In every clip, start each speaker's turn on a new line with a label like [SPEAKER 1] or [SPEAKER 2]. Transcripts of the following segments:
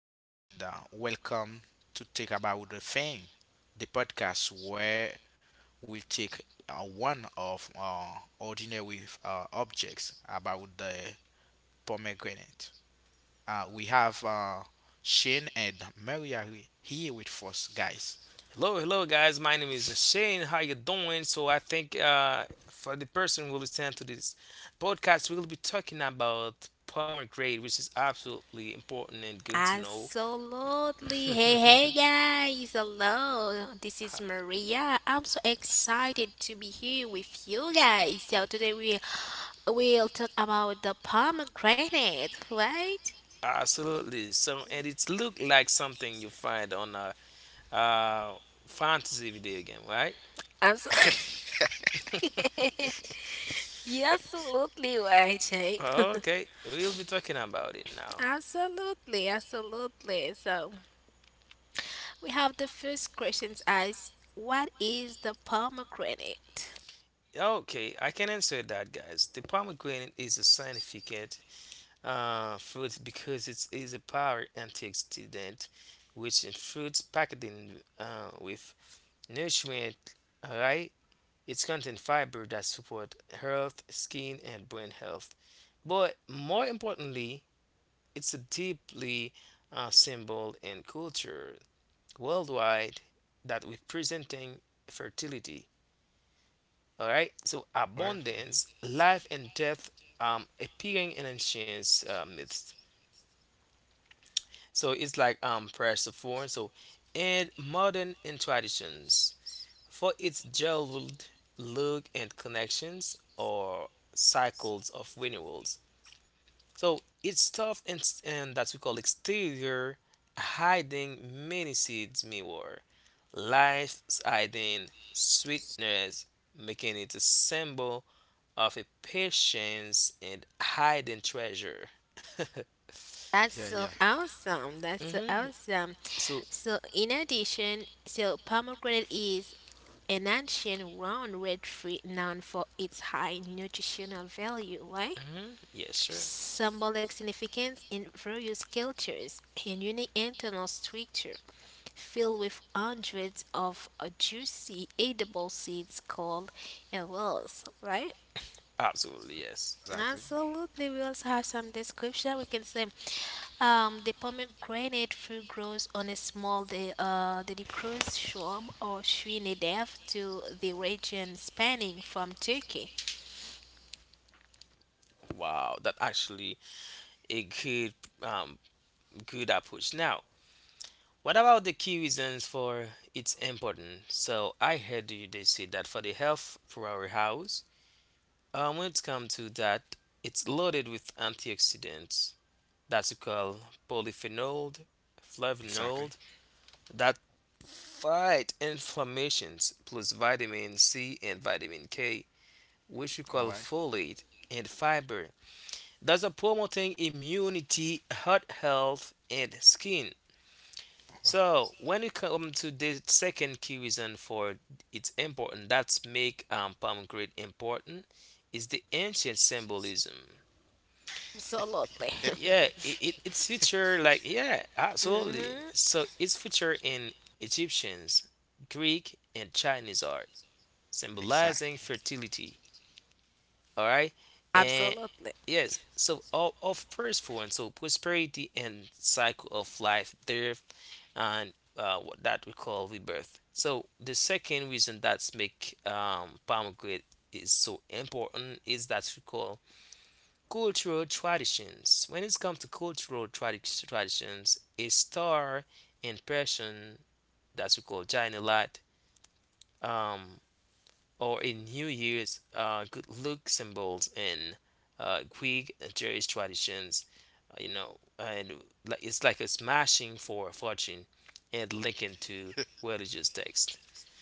[SPEAKER 1] and welcome to Take About the Thing, the podcast where we take one of ordinary objects about the pomegranate. We have Shane and Maria here with us, guys.
[SPEAKER 2] Absolutely. Hey, hey guys. Hello. This is Maria. I'm so excited to be here with you guys. So today we will talk about the pomegranate, right? Absolutely.
[SPEAKER 1] Right?
[SPEAKER 2] Yeah, absolutely right, Jane. Absolutely, absolutely. So we have the first questions as what is the pomegranate?
[SPEAKER 1] Hmm.
[SPEAKER 2] That's
[SPEAKER 1] Yeah, yeah,
[SPEAKER 2] so awesome. That's so awesome. So, in addition, so pomegranate is an ancient round red fruit known for its high nutritional value, right? Symbolic significance in various cultures and unique internal structure, filled with hundreds of juicy edible seeds called awels, right?
[SPEAKER 1] exactly,
[SPEAKER 2] Absolutely, we also have some description. We can say, the pomegranate fruit grows on a small the cruise shore or Trinidad to the region spanning from Turkey.
[SPEAKER 1] exactly. All right, all
[SPEAKER 2] Absolutely.
[SPEAKER 1] right,
[SPEAKER 2] hmm
[SPEAKER 1] exactly.
[SPEAKER 2] Absolutely.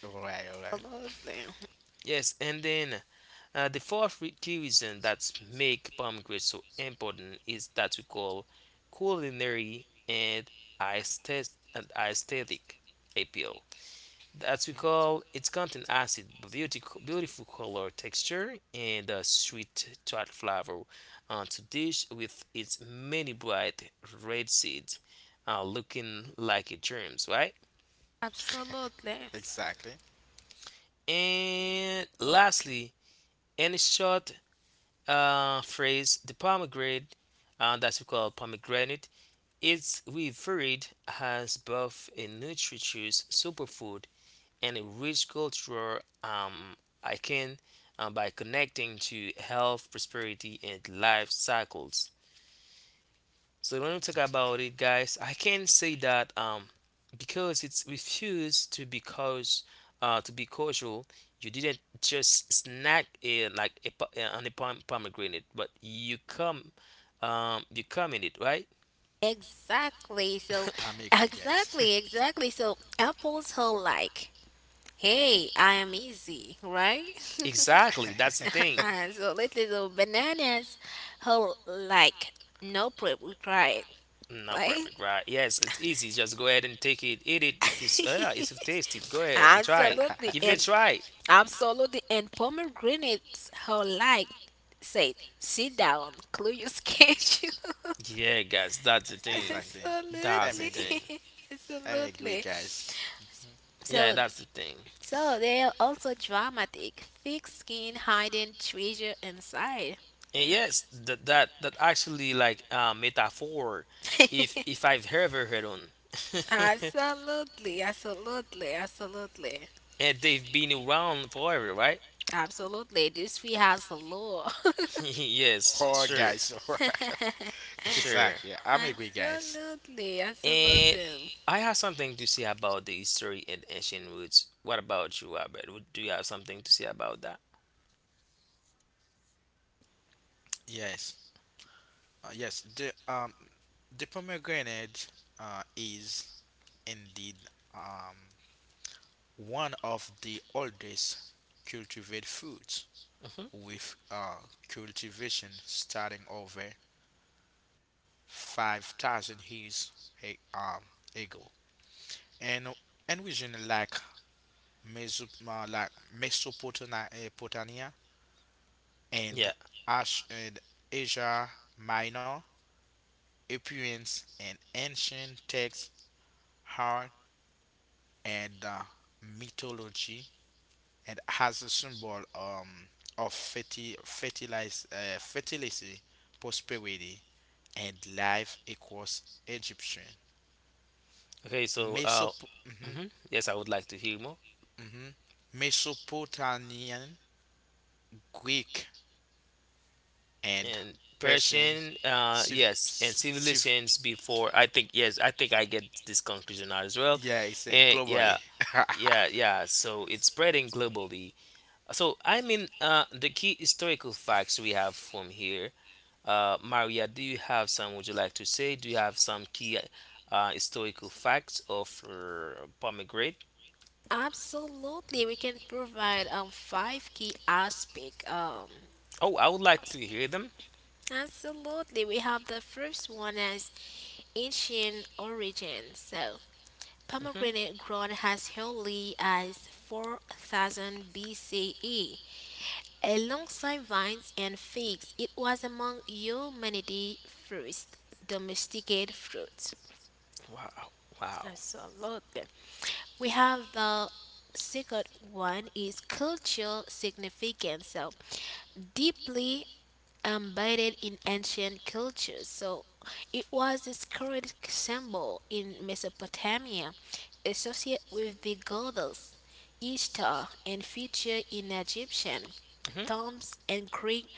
[SPEAKER 1] All right, all right.
[SPEAKER 2] Absolutely.
[SPEAKER 1] Mhm.
[SPEAKER 2] Absolutely.
[SPEAKER 1] Exactly.
[SPEAKER 2] Exactly. So,
[SPEAKER 1] I'm agree, guys.
[SPEAKER 2] exactly, exactly. So, apples are like, hey, I am easy, right? Absolutely, the bananas whole like no prep required, right? Absolutely, and absolutely, and pomegranates whole like said, sit down, clear your schedule.
[SPEAKER 1] Exactly. I'm agree.
[SPEAKER 2] Absolutely,
[SPEAKER 1] I'm agree,
[SPEAKER 2] absolutely.
[SPEAKER 1] guys.
[SPEAKER 2] So, so they are also dramatic, thick skin hiding treasure inside. Absolutely, absolutely, absolutely. Absolutely. This fee has a law.
[SPEAKER 1] Poor guys. Exactly. I'm agree, guys.
[SPEAKER 2] Absolutely, absolutely.
[SPEAKER 1] Yes. Yes. The pomegranate is indeed um one of the oldest cultivated fruits with cultivation starting over 5,000 years a- um ago, and and region like Meso- uh, like Mesopotamia Potania, and, and Asia Minor, appearance in ancient texts, art, and mythology, and has a symbol of fertility, prosperity, and life across Egyptian, mhm, mhm, Mesopotamian, Greek, and passion. Civ- c- civ- yeah, it's globally.
[SPEAKER 2] Absolutely, we can provide five key aspect. Absolutely, we have the first one as ancient origin. So pomegranate grown as early as 4000 BCE. Alongside vines and figs, it was among humanity's first domesticated fruits. Absolutely. We have the second one is cultural significance. So deeply embedded in ancient cultures. So it was a sacred symbol in Mesopotamia, associated with the goddess Ishtar, and featured in Egyptian, tombs, and Greek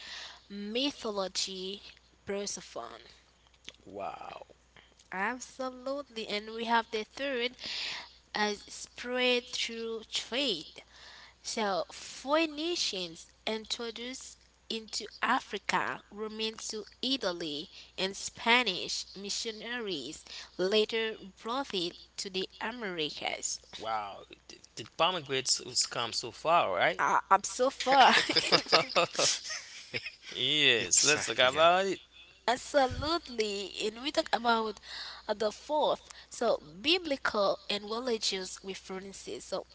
[SPEAKER 2] mythology. Persephone. Absolutely. And we have the third as spread through trade. So Phoenicians introduced into Africa, Romans to Italy, and Spanish missionaries later brought it to the Americas. I'm so far.
[SPEAKER 1] Exactly, guys.
[SPEAKER 2] Absolutely, and we talk about the fourth, so biblical and religious references. So,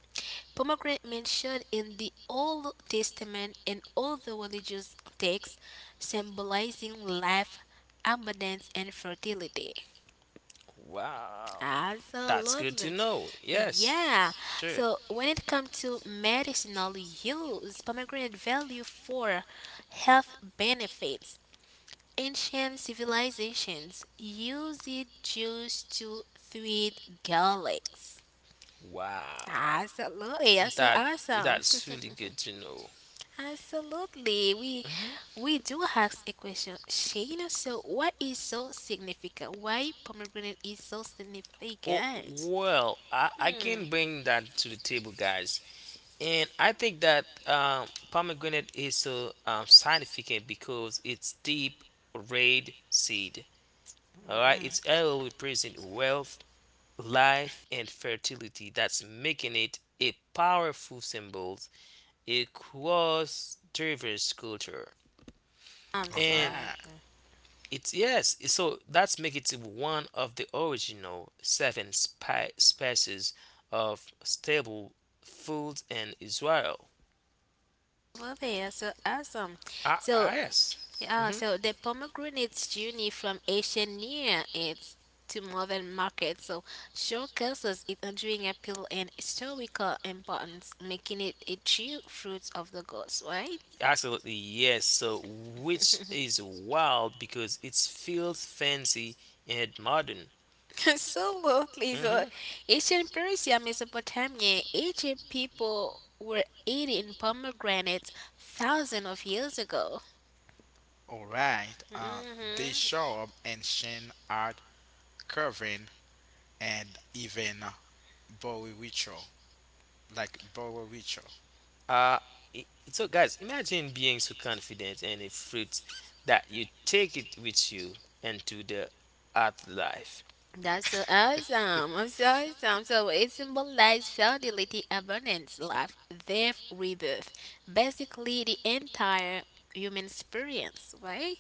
[SPEAKER 2] pomegranate mentioned in the Old Testament and all the religious texts, symbolizing life, abundance, and fertility. Absolutely, yeah. So, when it comes to medicinal use, pomegranate value for health benefits. Ancient civilizations used it juice to treat garlics. Absolutely, that's so awesome. Absolutely, we do ask a question, Shayna. So, what is so significant? Why pomegranate is so significant? Hmm. Hmm, hmm. I'm
[SPEAKER 1] All
[SPEAKER 2] sorry.
[SPEAKER 1] right,
[SPEAKER 2] Love it. That's so awesome. So yeah, so the pomegranate's journey from Asian near East to modern markets so showcases its enduring appeal and historical importance, making it a true fruit of the gods, right? Absolutely. So ancient Persia, Mesopotamia, Egypt people were eating pomegranates thousands of years ago.
[SPEAKER 1] all right. They
[SPEAKER 2] Hmm.
[SPEAKER 1] show up and Shane art carving and even Bowie ritual, like Bowie ritual.
[SPEAKER 2] That's so awesome. I'm so awesome. So it symbolizes fertility, abundance, life, death, rebirth. Basically, the entire human experience, right?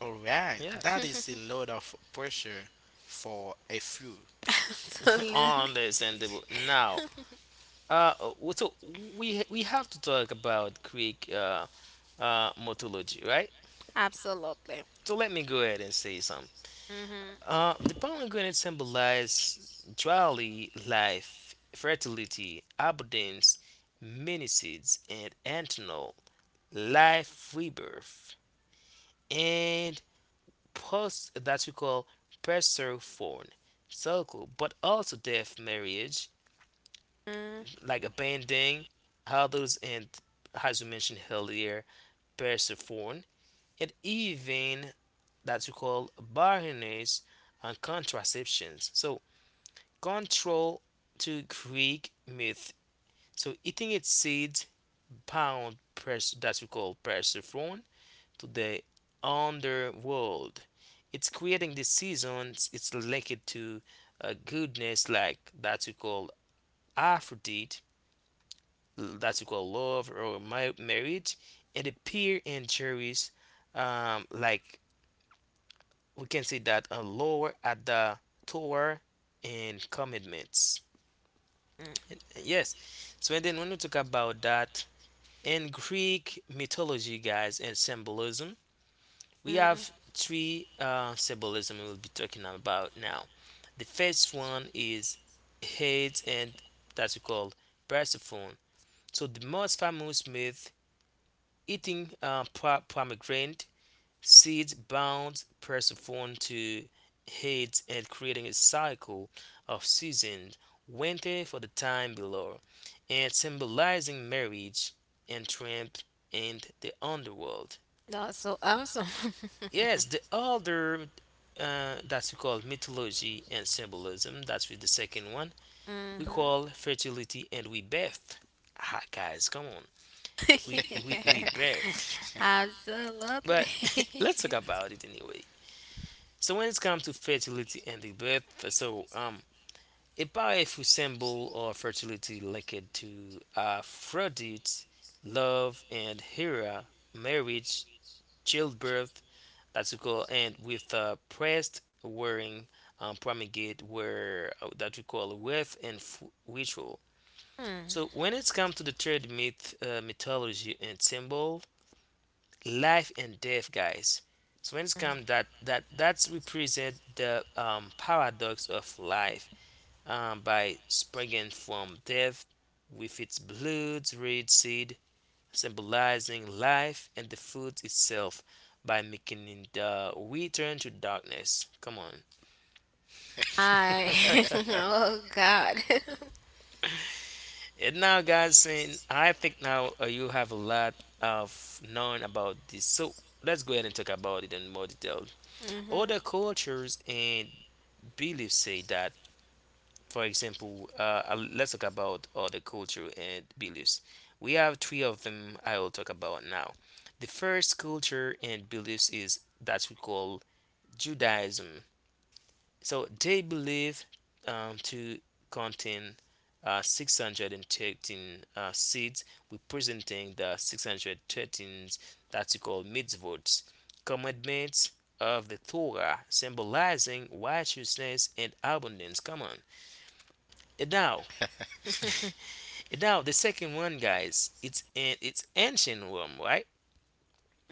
[SPEAKER 1] All right, that is a lot of pressure for a few.
[SPEAKER 2] Absolutely. Absolutely. Mm-hmm. Mm-hmm. That's so awesome. Mm-hmm. Absolutely. Mm. I. Oh, God. Mm-hmm.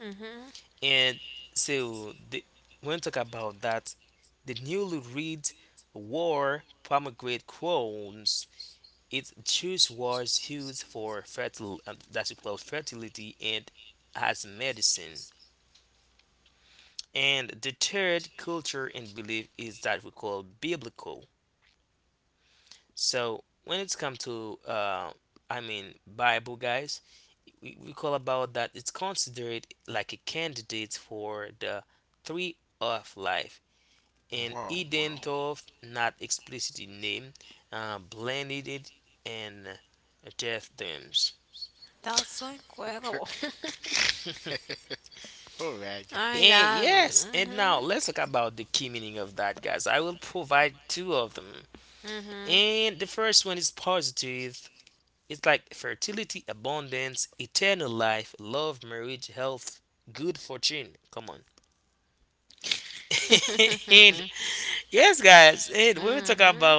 [SPEAKER 2] Mm-hmm.
[SPEAKER 1] Wow, wow.
[SPEAKER 2] That's so incredible.
[SPEAKER 1] All right,
[SPEAKER 2] I
[SPEAKER 1] guys.
[SPEAKER 2] know. Mhm. Mhm. Mhm.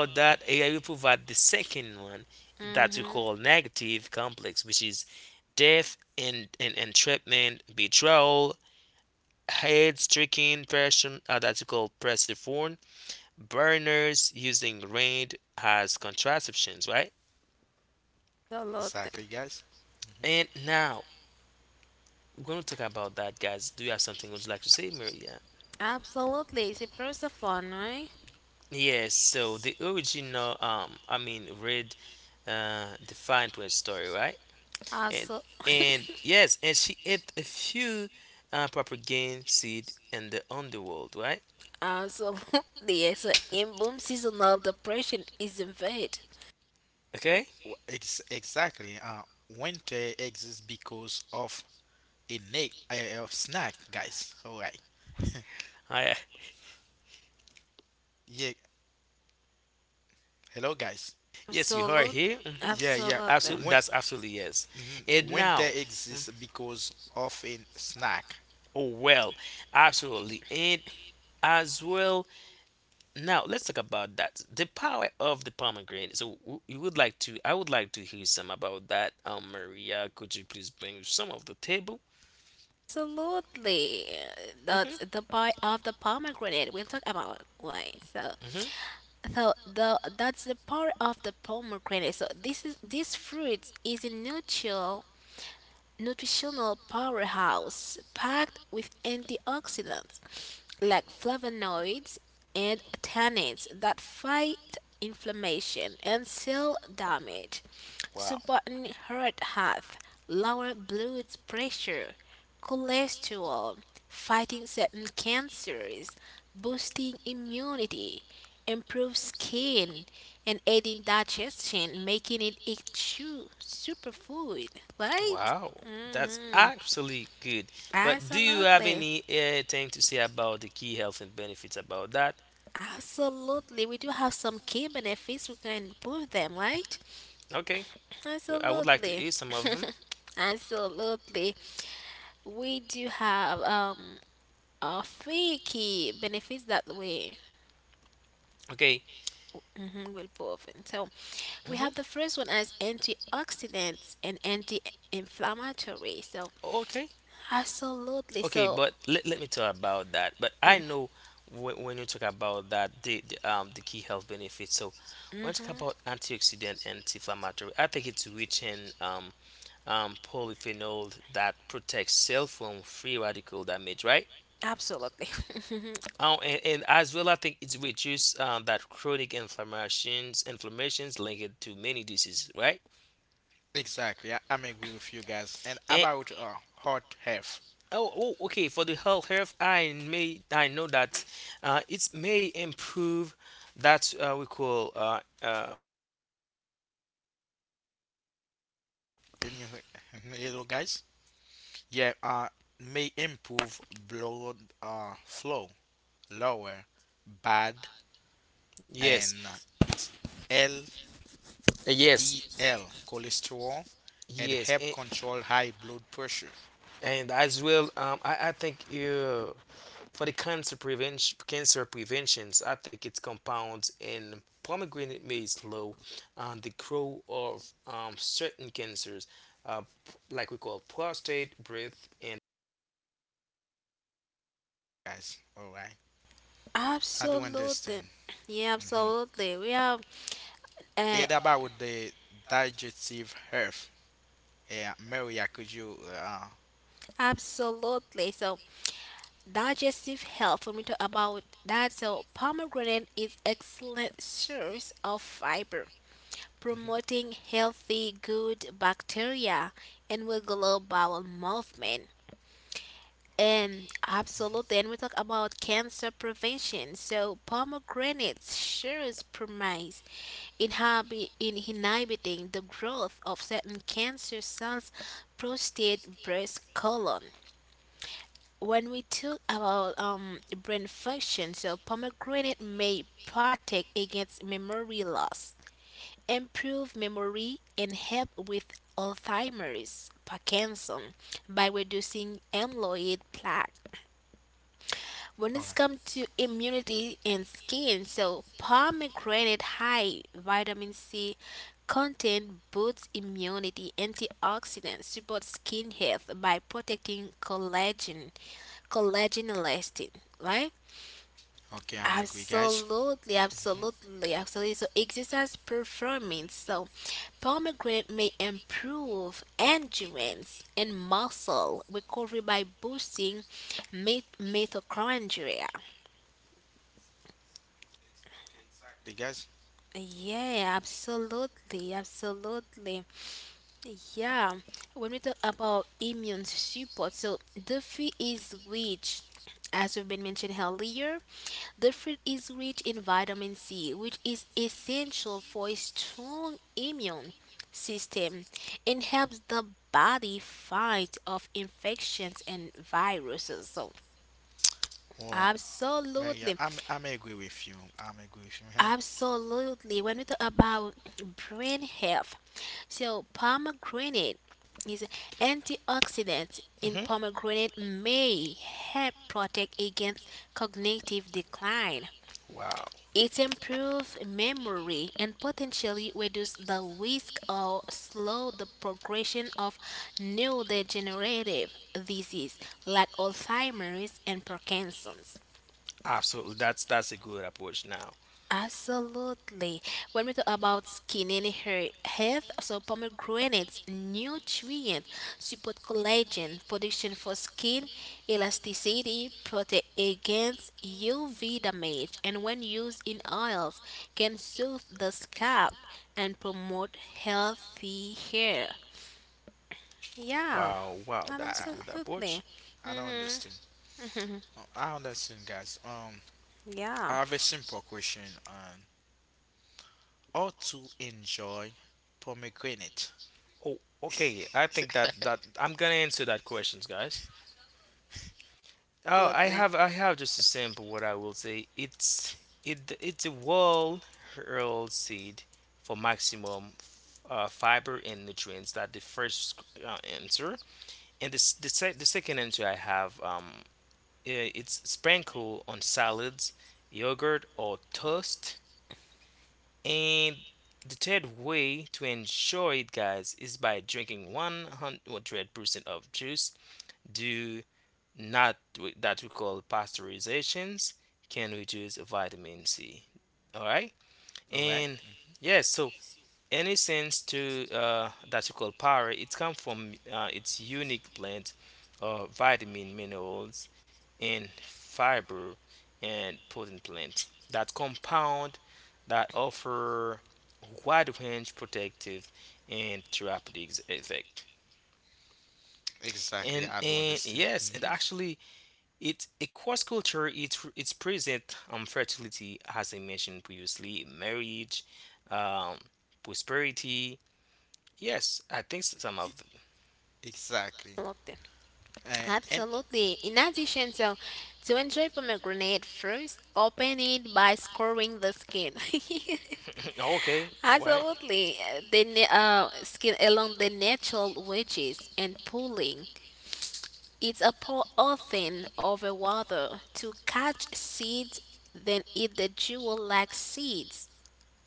[SPEAKER 2] Mhm. Absolutely.
[SPEAKER 1] Exactly, guys. Hmm.
[SPEAKER 2] Absolutely. It's a Persephone, right? Also, absolutely. It's an inbound seasonal depression, isn't it?
[SPEAKER 1] Exactly. Winter exists because of of snack, guys. All right. Yeah. Hello, guys.
[SPEAKER 2] Absolutely.
[SPEAKER 1] Yeah, yeah.
[SPEAKER 2] Absolutely. Absolutely.
[SPEAKER 1] Mhm. Winter exists because of a snack.
[SPEAKER 2] That's the part of the pomegranate we talk about. Why? So, so the that's the part of the pomegranate. So this fruit is a neutral nutritional powerhouse packed with antioxidants like flavonoids and tannins that fight inflammation and cell damage, supporting heart health, lower blood pressure, cholesterol, fighting certain cancers, boosting immunity, improve skin, and aiding digestion, making it a true superfood, right? hmm Absolutely. Absolutely. We do have some key benefits. We can improve them, right? Absolutely. Absolutely. We do have a three key benefits that we mhm, will prove. And so we have the first one as antioxidants and anti-inflammatory. So absolutely. So mm-hmm. Absolutely.
[SPEAKER 1] Exactly. I'm agree with you guys. And about hot health. Hello, guys? Yeah. May improve blood flow, lower bad and it's LDL cholesterol and help control high blood pressure. Guys, all right. I do
[SPEAKER 2] Absolutely.
[SPEAKER 1] understand.
[SPEAKER 2] Yeah,
[SPEAKER 1] Hmm.
[SPEAKER 2] absolutely. We have Uh,
[SPEAKER 1] And about the digestive health, yeah, Maria, could you?
[SPEAKER 2] absolutely. So, digestive health, when we talk about that, so pomegranate is excellent source of fiber,
[SPEAKER 1] Mhm.
[SPEAKER 2] promoting healthy good bacteria and regular bowel movement. And absolutely, and we talk about cancer prevention. So pomegranate shows promise in, in inhibiting the growth of certain cancer cells, prostate, breast, colon. When we talk about brain function, so pomegranate may protect against memory loss, improve memory, and help with Alzheimer's, Parkinson, by reducing amyloid plaque. When
[SPEAKER 1] All
[SPEAKER 2] it's
[SPEAKER 1] right.
[SPEAKER 2] come to immunity and skin, so pomegranate high vitamin C content boosts immunity, antioxidants support skin health by protecting collagen, collagen and elastin, right?
[SPEAKER 1] Okay, I'm agree, guys.
[SPEAKER 2] Absolutely, absolutely, absolutely. So exercise performance. So pomegranate may improve endurance and muscle recovery by boosting mitochondria.
[SPEAKER 1] The guys,
[SPEAKER 2] Yeah, absolutely, absolutely. Yeah, when we talk about immune support, so the fee is rich, as we've been mentioned earlier, the fruit is rich in vitamin C, which is essential for a strong immune system and helps the body fight off infections and viruses. So,
[SPEAKER 1] well, Maria,
[SPEAKER 2] absolutely,
[SPEAKER 1] I'm agree with you. I'm agree with you. Hey,
[SPEAKER 2] absolutely. When we talk about brain health, so pomegranate is antioxidants in
[SPEAKER 3] hmm
[SPEAKER 2] pomegranate may help protect against cognitive decline.
[SPEAKER 3] Wow.
[SPEAKER 2] It improves memory and potentially reduces the risk or slow the progression of neurodegenerative disease like Alzheimer's and Parkinson's.
[SPEAKER 3] Absolutely. That's a good approach now.
[SPEAKER 2] Absolutely. When we talk about skin and hair health, so pomegranates nutrient support collagen production for skin elasticity, protect against UV damage, and when used in oils, can soothe the scalp and promote healthy hair. Yeah,
[SPEAKER 3] Wow, wow,
[SPEAKER 2] and
[SPEAKER 1] I
[SPEAKER 3] that's a good
[SPEAKER 1] I
[SPEAKER 2] absolutely.
[SPEAKER 3] approach.
[SPEAKER 1] I don't
[SPEAKER 2] Mhm.
[SPEAKER 1] understand. I understand, guys.
[SPEAKER 2] Yeah,
[SPEAKER 1] I have a simple question. Or to enjoy pomegranate.
[SPEAKER 3] Oh, okay. I think that I'm gonna answer that questions, guys. Oh, I
[SPEAKER 2] absolutely.
[SPEAKER 3] have I have just a simple what I will say. It's it's a wall hurl seed for maximum fiber and nutrients. That the first answer. And the s- the, se- the second entry I have, it's sprinkle on salads, yogurt, or toast. And the third way to enjoy it, guys, is by drinking 100% of juice. Do not wi- That we call pasteurizations can reduce vitamin C. All right,
[SPEAKER 1] All right.
[SPEAKER 3] and yes, so any sense to that you call power, it comes from its unique blend of vitamin, minerals, and fiber and protein plants that compound that offer wide range protective and therapeutic effect.
[SPEAKER 1] Exactly.
[SPEAKER 3] And
[SPEAKER 1] I do
[SPEAKER 3] and
[SPEAKER 1] understand.
[SPEAKER 3] yes, and
[SPEAKER 1] Hmm.
[SPEAKER 3] actually, it across culture, it's present on fertility, as I mentioned previously, marriage, um, prosperity. Yes, I think some of
[SPEAKER 1] Exactly.
[SPEAKER 2] Absolutely.
[SPEAKER 1] And
[SPEAKER 2] Absolutely. In addition, so to enjoy pomegranate, first open it by scoring the skin.
[SPEAKER 3] the. Okay, what?
[SPEAKER 2] Absolutely, the skin along the natural wedges and pulling. It's a pour often over water to catch seeds, then eat the jewel-like seeds.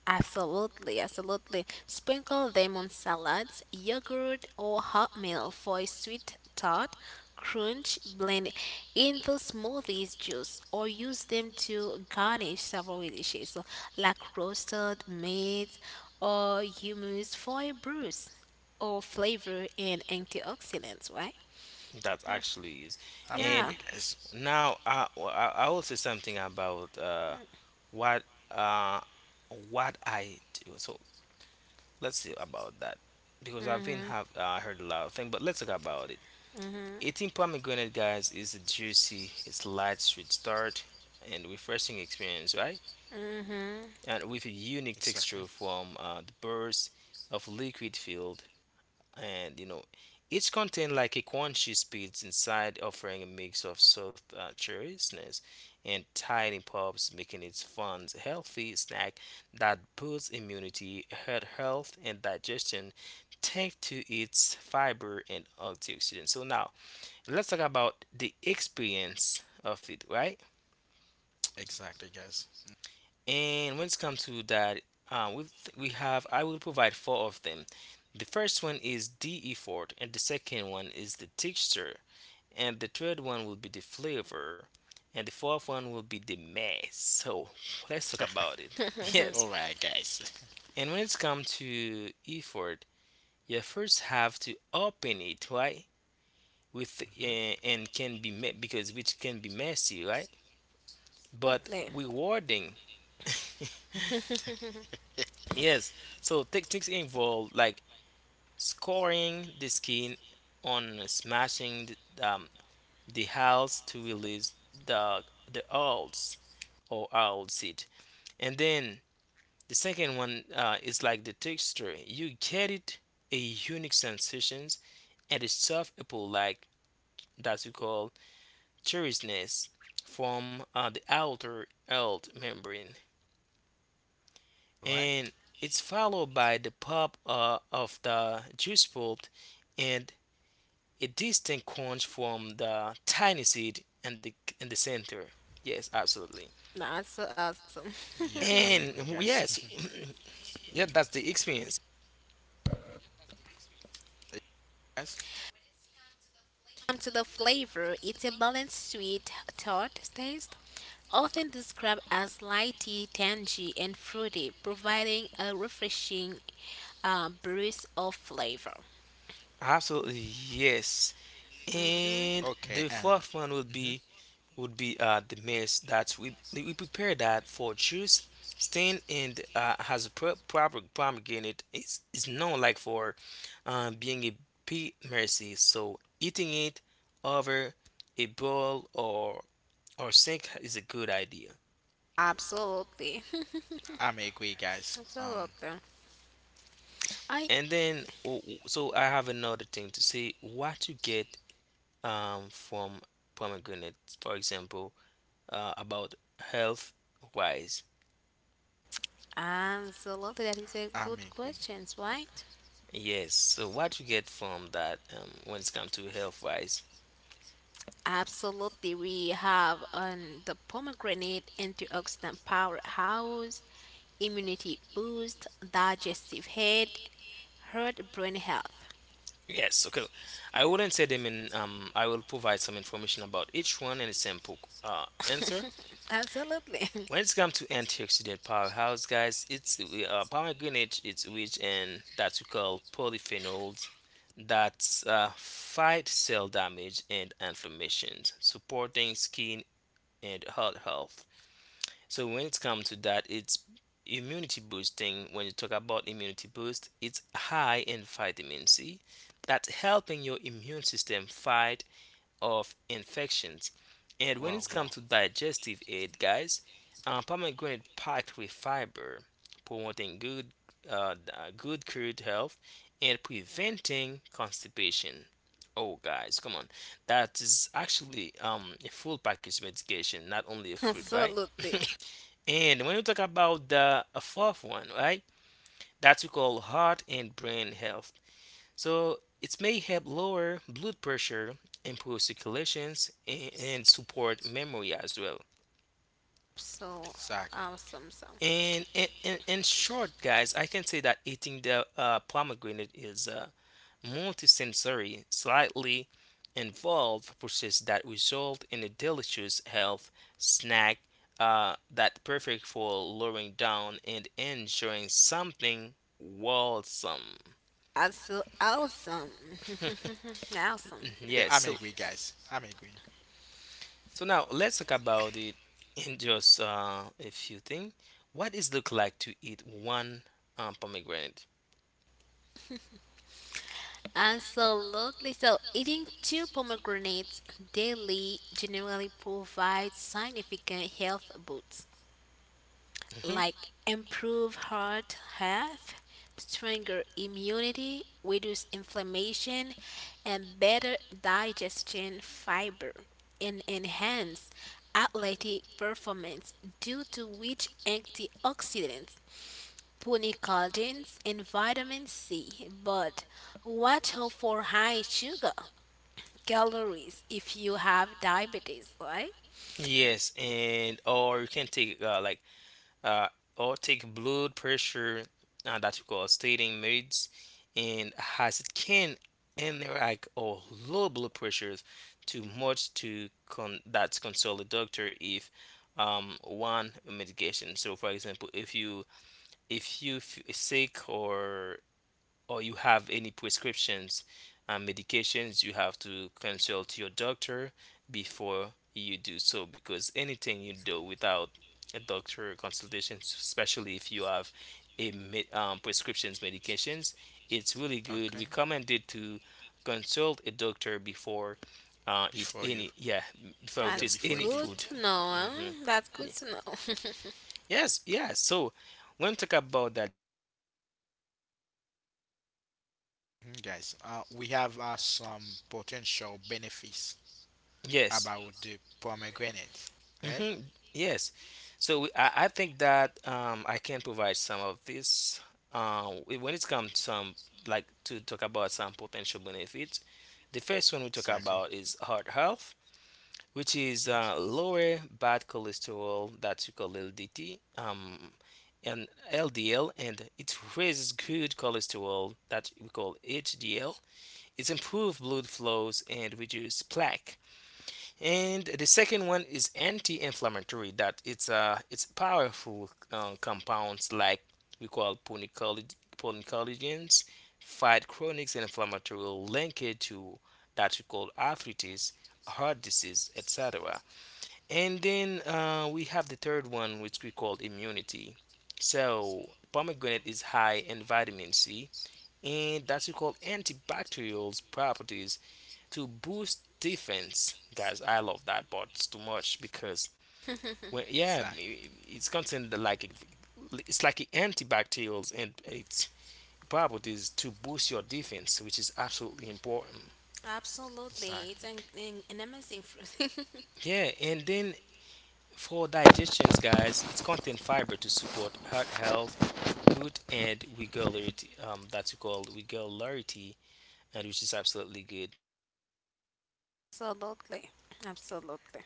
[SPEAKER 2] Absolutely, absolutely. Sprinkle them on salads, yogurt, or hot milk for a sweet tart. Crunch, blend into smoothies, juice, or use them to garnish several dishes, so like roasted meat or hummus for a bruise or flavor and antioxidants, right?
[SPEAKER 3] That actually is.
[SPEAKER 1] I'm
[SPEAKER 3] And
[SPEAKER 2] Yeah.
[SPEAKER 1] agree, guys.
[SPEAKER 3] yeah, now I will say something about what uh, what I do. So let's see about that because I've been
[SPEAKER 2] Mm-hmm.
[SPEAKER 3] have heard a lot of things, but let's talk about it.
[SPEAKER 2] Mm-hmm.
[SPEAKER 3] Eating pomegranate, guys, is a juicy, it's light, sweet start, and refreshing experience, right? And with a unique
[SPEAKER 1] Exactly.
[SPEAKER 3] texture from the burst of liquid field, and you know each contain like a crunchy speeds inside, offering a mix of soft cheeriness and tiny pops, making it fun healthy snack that boosts immunity, heart health, and digestion thanks to its fiber and antioxidants. So now let's talk about the experience of it, right?
[SPEAKER 1] Exactly, guys.
[SPEAKER 3] And when it comes to that, uh, we we have I will provide four of them. The first one is the effort, and the second one is the texture, and the third one will be the flavor, and the fourth one will be the mess. So let's talk about it.
[SPEAKER 2] Mm-hmm.
[SPEAKER 1] Mm. All
[SPEAKER 3] Yes,
[SPEAKER 1] right, guys.
[SPEAKER 3] and when it comes to effort, you first have to open it, right? With
[SPEAKER 1] Mhm.
[SPEAKER 3] and can be me- because which can be messy, right? But
[SPEAKER 2] Totally.
[SPEAKER 3] rewarding. Yes. So tactics involve like scoring the skin on smashing the hulls to release the owls or owl seed. And then the second one is like the texture. You get it a unique sensations and a soft apple like that we call cherishness from the outer old membrane.
[SPEAKER 1] All right.
[SPEAKER 3] And it's followed by the pop of the juice pulp, and a distinct crunch from the tiny seed and the in the center. Yes, absolutely.
[SPEAKER 2] That's so awesome.
[SPEAKER 1] Yeah, I'm agree, guys.
[SPEAKER 3] And yes, yeah, that's the experience.
[SPEAKER 1] Guys.
[SPEAKER 2] Come to the flavor. It's a balanced sweet tart taste, often described as lighty, tangy, and fruity, providing a refreshing breeze of flavor.
[SPEAKER 3] Absolutely, yes.
[SPEAKER 2] Mhm.
[SPEAKER 1] Okay.
[SPEAKER 3] And
[SPEAKER 1] And
[SPEAKER 3] the fourth one
[SPEAKER 1] hmm,
[SPEAKER 3] would be the mess that we prepare that for juice stain, and proper pomegranate is known like for being a pea mercy, so eating it over a bowl or sync is a good idea.
[SPEAKER 2] Absolutely,
[SPEAKER 1] I'm agree, guys.
[SPEAKER 2] absolutely. I
[SPEAKER 3] And then, oh, so I have another thing to say. What you get from pomegranate, for example, about health wise.
[SPEAKER 2] absolutely that is a
[SPEAKER 1] I'm
[SPEAKER 2] good
[SPEAKER 1] agree.
[SPEAKER 2] question, right?
[SPEAKER 3] Yes. So what you get from that when it's come to health wise.
[SPEAKER 2] Absolutely, we have on the pomegranate antioxidant powerhouse, immunity boost, digestive head, heart, brain health.
[SPEAKER 3] Yes. Okay. I wouldn't say them in. I will provide some information about each one and a simple answer.
[SPEAKER 2] Absolutely,
[SPEAKER 3] When it's come to antioxidant powerhouse, guys, it's pomegranate. It's rich in that we call polyphenols that fight cell damage and inflammation, supporting skin and heart health. So when it comes to that, it's immunity boosting. When you talk about immunity boost, it's high in vitamin C that's helping your immune system fight of infections. And when
[SPEAKER 1] Wow,
[SPEAKER 3] it
[SPEAKER 1] wow.
[SPEAKER 3] comes to digestive aid, guys, pomegranate packed with fiber, promoting good good gut health and preventing constipation. Oh, guys, come on, that is actually a full package medication, not only a fruit, right?
[SPEAKER 2] absolutely.
[SPEAKER 3] And when you talk about the fourth one, right, that we call heart and brain health. So it may help lower blood pressure, improve circulations, and support memory as well.
[SPEAKER 2] So
[SPEAKER 1] Exactly.
[SPEAKER 2] awesome, so
[SPEAKER 3] And in short, guys, I can say that eating the pomegranate is a multisensory, slightly involved process that result in a delicious health snack that perfect for lowering down and enjoying something wholesome.
[SPEAKER 2] also awesome, awesome,
[SPEAKER 1] Yeah,
[SPEAKER 3] Yes,
[SPEAKER 1] I'm
[SPEAKER 3] so
[SPEAKER 1] agree, guys. I'm agree.
[SPEAKER 3] so now let's talk about it in just a few things. What is look like to eat one pomegranate?
[SPEAKER 2] absolutely. So eating two pomegranates daily generally provides significant health boosts
[SPEAKER 3] hmm
[SPEAKER 2] like improve heart health, stronger immunity, reduce inflammation, and better digestion fiber, and enhance athletic performance due to rich antioxidants polycollagens and vitamin C, but watch out for high sugar calories if you have diabetes, right?
[SPEAKER 3] Yes, and or you can take uh, or take blood pressure that you call stating meds, and has it can interact or low blood pressures too much to consult a doctor if one medication. So for example, if you f sick or you have any prescriptions and medications, you have to consult your doctor before you do so, because anything you do without a doctor consultation, especially if you have a prescriptions medications, it's really
[SPEAKER 1] Okay.
[SPEAKER 3] good. Recommended to consult a doctor before eat
[SPEAKER 1] Before you.
[SPEAKER 3] any yeah before
[SPEAKER 1] Yeah,
[SPEAKER 2] That's
[SPEAKER 3] taste
[SPEAKER 1] before
[SPEAKER 3] any
[SPEAKER 1] eating
[SPEAKER 2] good
[SPEAKER 3] food.
[SPEAKER 2] to
[SPEAKER 1] it.
[SPEAKER 2] know.
[SPEAKER 3] Mhm.
[SPEAKER 2] Huh? That's
[SPEAKER 3] Yeah.
[SPEAKER 2] good to know.
[SPEAKER 3] Yes, yeah. So when we talk about that, guys, we have some potential benefits to talk about pomegranate.
[SPEAKER 1] Mhm. Guys, we have some potential benefits
[SPEAKER 3] Yes,
[SPEAKER 1] about the pomegranate. Okay?
[SPEAKER 3] hmm yes. So I think that I can provide some of this when it comes some like to talk about some potential benefits. The first one we talk
[SPEAKER 1] Exactly.
[SPEAKER 3] about is heart health, which is lower bad cholesterol that you call LDT, and LDL, and it raises good cholesterol that we call HDL. It improves blood flows and reduce plaque, and the second one is anti-inflammatory that it's powerful compounds like we call polycollagens fight chronic inflammatory linked to that we call arthritis, heart disease, etc. And then we have the third one, which we call immunity. So pomegranate is high in vitamin c, and that's we call antibacterial properties to boost defense, guys. I love that but it's too much because when yeah,
[SPEAKER 1] Exactly.
[SPEAKER 3] it's content that like it, it's like antibacterials and its properties to boost your defense, which is absolutely important.
[SPEAKER 2] Absolutely. It's
[SPEAKER 1] Exactly.
[SPEAKER 2] an, an, an amazing fruit.
[SPEAKER 3] Yeah, and then for digestions, guys, it's content fiber to support heart health, good and regularity. That's called regularity, and which is absolutely good. And then now,
[SPEAKER 2] Absolutely. Absolutely.